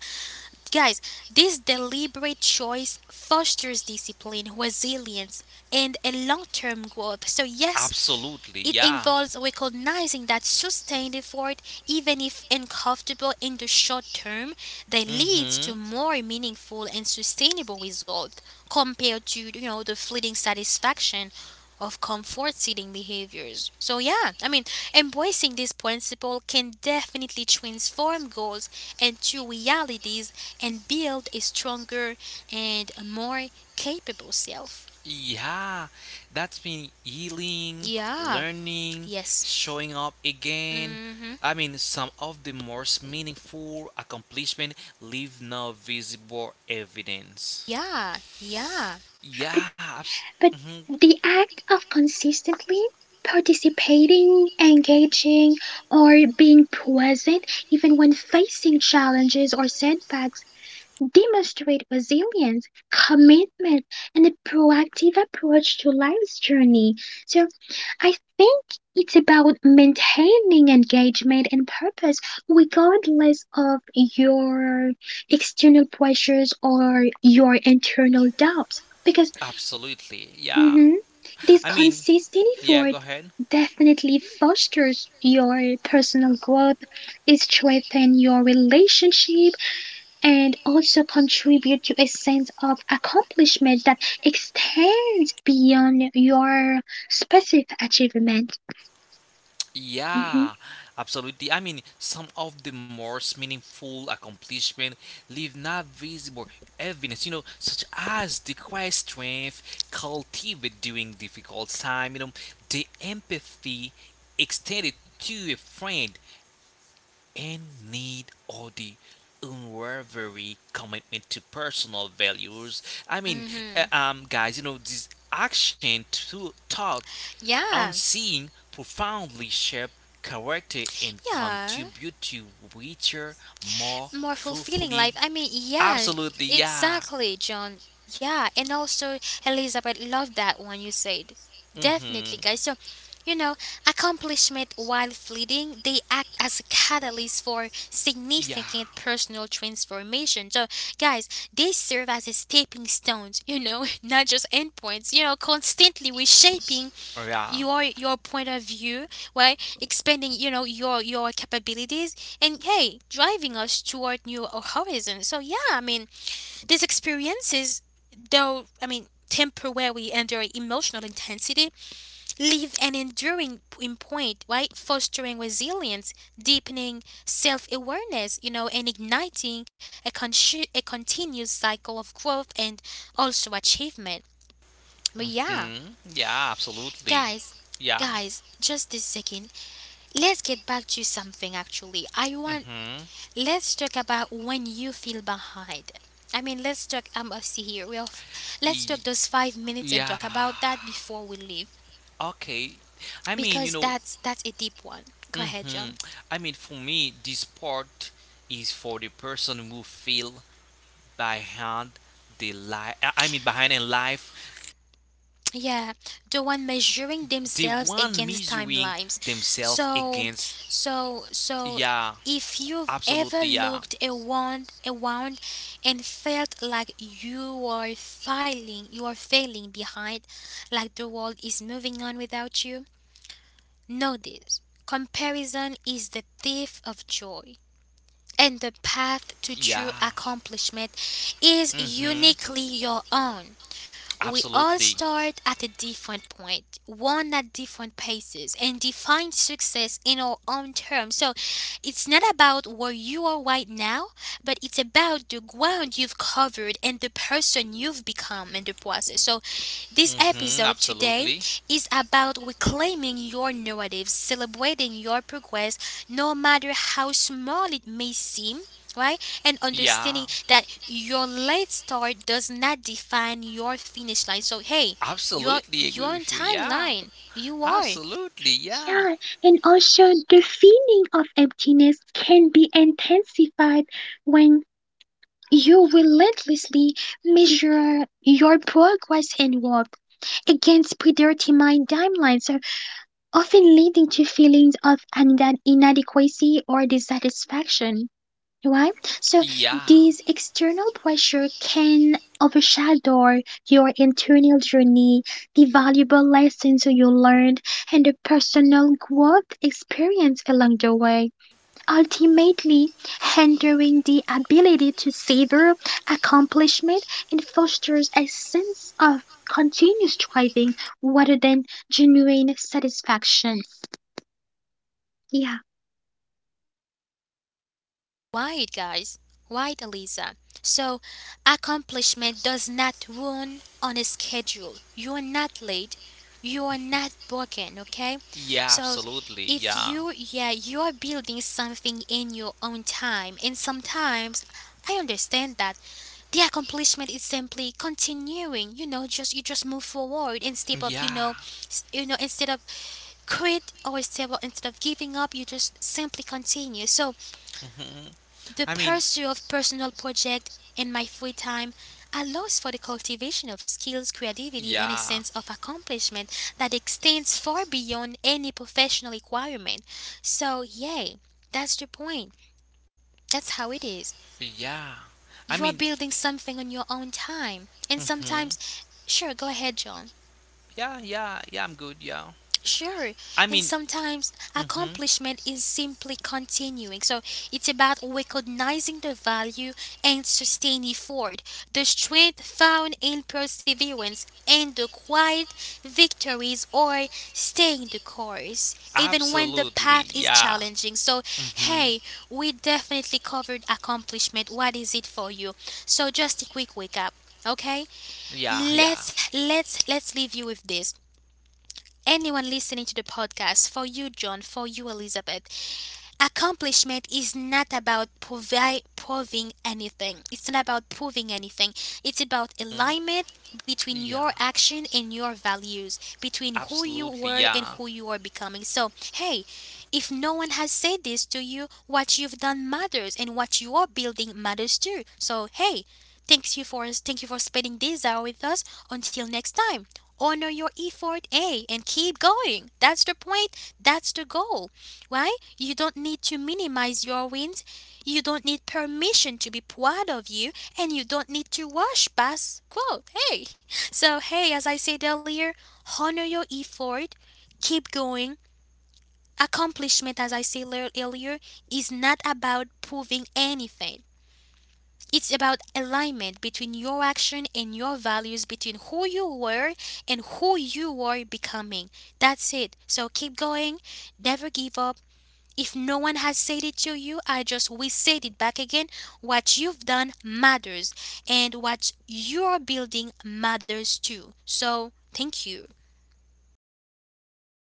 [SPEAKER 1] guys, this deliberate choice fosters discipline, resilience, and a long-term growth. So yes,
[SPEAKER 2] Absolutely,
[SPEAKER 1] it
[SPEAKER 2] yeah.
[SPEAKER 1] involves recognizing that sustained effort, even if uncomfortable in the short term, that leads to
[SPEAKER 2] Mm-hmm.
[SPEAKER 1] more meaningful and sustainable results compared to you know the fleeting satisfaction of comfort seeking behaviors. So yeah, I mean, embracing this principle can definitely transform goals into realities and build a stronger and more capable self.
[SPEAKER 2] Yeah, that's been healing,
[SPEAKER 1] Yeah.
[SPEAKER 2] learning,
[SPEAKER 1] Yes.
[SPEAKER 2] showing up again.
[SPEAKER 1] Mhm.
[SPEAKER 2] I mean, some of the most meaningful accomplishments leave no visible evidence.
[SPEAKER 1] Yeah, yeah.
[SPEAKER 3] But,
[SPEAKER 2] Yeah,
[SPEAKER 3] but
[SPEAKER 2] mhm,
[SPEAKER 3] the act of consistently participating, engaging, or being present, even when facing challenges or setbacks, demonstrate resilience, commitment, and a proactive approach to life's journey. So I think it's about maintaining engagement and purpose regardless of your external pressures or your internal doubts. Because
[SPEAKER 2] absolutely. Yeah.
[SPEAKER 3] mhm, this
[SPEAKER 2] I mean,
[SPEAKER 3] consistent
[SPEAKER 2] yeah, go
[SPEAKER 3] effort
[SPEAKER 2] ahead.
[SPEAKER 3] definitely fosters your personal growth, it strengthens your relationship and also contribute to a sense of accomplishment that extends beyond your specific achievement. Mhm.
[SPEAKER 2] Yeah, absolutely. I mean, some of the most meaningful accomplishments leave not visible evidence, such as the quiet strength cultivated during difficult time, the empathy extended to a friend and need or the unwavering commitment to personal values. I mean,
[SPEAKER 1] Mm-hmm.
[SPEAKER 2] guys, this action to thought
[SPEAKER 1] Yeah,
[SPEAKER 2] unseen profoundly shape character and
[SPEAKER 1] yeah.
[SPEAKER 2] contribute to richer, more
[SPEAKER 1] More fulfilling
[SPEAKER 2] fulfilling.
[SPEAKER 1] life. I mean, yeah,
[SPEAKER 2] Absolutely, yeah.
[SPEAKER 1] exactly, John. Yeah, and also, Elizabeth, love that one you said.
[SPEAKER 2] Hmm.
[SPEAKER 1] Definitely, guys. So, you know, accomplishment while fleeting, they act as a catalyst for
[SPEAKER 2] Yeah.
[SPEAKER 1] significant personal transformation. So, guys, they serve as a stepping stones, you know, not just endpoints, you know, constantly reshaping
[SPEAKER 2] Yeah.
[SPEAKER 1] your point of view, right, expanding you know your capabilities and hey driving us toward new horizons. So yeah, I mean, these experiences, though I mean temporary and their emotional intensity, leave an enduring imprint, right, fostering resilience, deepening self-awareness, you know, and igniting a, a continuous cycle of growth and also achievement. But yeah,
[SPEAKER 2] Mm, yeah, absolutely.
[SPEAKER 1] guys,
[SPEAKER 2] Yeah.
[SPEAKER 1] guys, just this second, let's get back to something actually. I want,
[SPEAKER 2] Hmm.
[SPEAKER 1] let's talk about when you feel behind. I mean, let's talk. I'm See here. Let's talk those 5 minutes and
[SPEAKER 2] Yeah.
[SPEAKER 1] talk about that before we leave,
[SPEAKER 2] Okay. I mean, you
[SPEAKER 1] because
[SPEAKER 2] know,
[SPEAKER 1] that's a deep one. Go ahead,
[SPEAKER 2] hmm
[SPEAKER 1] John.
[SPEAKER 2] I mean, for me, this part is for the person who feel behind the life. I mean, behind in life,
[SPEAKER 1] Yeah, the one measuring
[SPEAKER 2] the
[SPEAKER 1] themselves
[SPEAKER 2] one
[SPEAKER 1] against
[SPEAKER 2] measuring
[SPEAKER 1] timelines.
[SPEAKER 2] themselves
[SPEAKER 1] so
[SPEAKER 2] against.
[SPEAKER 1] so so
[SPEAKER 2] Yeah,
[SPEAKER 1] if you've ever
[SPEAKER 2] absolutely. Yeah,
[SPEAKER 1] looked around and felt like you are failing, you are failing behind, like the world is moving on without you know, this comparison is the thief of joy, and the path to true
[SPEAKER 2] yeah.
[SPEAKER 1] accomplishment is
[SPEAKER 2] Hmm.
[SPEAKER 1] uniquely your own. We all
[SPEAKER 2] Absolutely.
[SPEAKER 1] start at a different point, one at different paces, and define success in our own terms. So it's not about where you are right now, but it's about the ground you've covered and the person you've become in the process. So this
[SPEAKER 2] Hmm.
[SPEAKER 1] episode today
[SPEAKER 2] Absolutely.
[SPEAKER 1] is about reclaiming your narrative, celebrating your progress, no matter how small it may seem, right? And
[SPEAKER 2] Yeah,
[SPEAKER 1] understanding that your late start does not define your finish line. So hey, you're
[SPEAKER 2] absolutely agree
[SPEAKER 1] you're on
[SPEAKER 2] with you. Yeah,
[SPEAKER 1] timeline. You are.
[SPEAKER 2] absolutely. Yeah,
[SPEAKER 3] Yeah, and also the feeling of emptiness can be intensified when you relentlessly measure your progress and work against predetermined timelines, so often leading to feelings of inadequacy or dissatisfaction. Right? So
[SPEAKER 2] yeah.
[SPEAKER 3] these external pressure can overshadow your internal journey, the valuable lessons you learned, and the personal growth experience along the way, ultimately hindering the ability to savor accomplishment and fosters a sense of continuous striving rather than genuine satisfaction. Yeah.
[SPEAKER 1] Why, guys? Why, Eliza? So accomplishment does not run on a schedule. You are not late. You are not broken, okay?
[SPEAKER 2] Yeah,
[SPEAKER 1] So
[SPEAKER 2] absolutely.
[SPEAKER 1] if
[SPEAKER 2] Yeah.
[SPEAKER 1] you, yeah, you're building something in your own time, and sometimes I understand that the accomplishment is simply continuing. Just you just move forward instead of
[SPEAKER 2] Yeah.
[SPEAKER 1] instead of quit, or instead of giving up, you just simply continue. So
[SPEAKER 2] hmm
[SPEAKER 1] the
[SPEAKER 2] I mean,
[SPEAKER 1] pursuit of personal project in my free time allows for the cultivation of skills, creativity, and a
[SPEAKER 2] yeah.
[SPEAKER 1] sense of accomplishment that extends far beyond any professional requirement. So yay, that's the point, that's how it is.
[SPEAKER 2] Yeah. I
[SPEAKER 1] You are
[SPEAKER 2] mean,
[SPEAKER 1] building something on your own time. And
[SPEAKER 2] hmm
[SPEAKER 1] sometimes, sure, go ahead, John.
[SPEAKER 2] yeah, yeah, yeah, I'm good. Yeah.
[SPEAKER 1] Sure.
[SPEAKER 2] I
[SPEAKER 1] And
[SPEAKER 2] mean,
[SPEAKER 1] sometimes
[SPEAKER 2] hmm
[SPEAKER 1] accomplishment is simply continuing. So it's about recognizing the value and sustaining effort, the strength found in perseverance, and the quiet victories or staying the course, even when the
[SPEAKER 2] Absolutely,
[SPEAKER 1] path is
[SPEAKER 2] yeah.
[SPEAKER 1] challenging. So,
[SPEAKER 2] Hmm,
[SPEAKER 1] hey, we definitely covered accomplishment. What is it for you? So, just a quick wake up. Okay,
[SPEAKER 2] yeah, yeah,
[SPEAKER 1] let's leave you with this. Anyone listening to the podcast, for you, John, for you, Elizabeth, accomplishment is not about provi- proving anything. It's not about proving anything. It's about alignment between your
[SPEAKER 2] yeah.
[SPEAKER 1] action and your values, between who you
[SPEAKER 2] Absolutely,
[SPEAKER 1] were and
[SPEAKER 2] yeah.
[SPEAKER 1] who you are becoming. So, hey, if no one has said this to you, what you've done matters and what you are building matters too. So, hey, thank you for spending this hour with us. Until next time, honor your effort, A, and keep going. That's the point. That's the goal. Why? You don't need to minimize your wins. You don't need permission to be proud of you, and you don't need to wash past quote. Hey, so hey, as I said earlier, honor your effort, keep going. Accomplishment, as I said earlier, is not about proving anything. It's about alignment between your action and your values, between who you were and who you are becoming. That's it. So keep going, never give up. If no one has said it to you, I just we said it back again. What you've done matters, and what you're building matters too. So, thank you.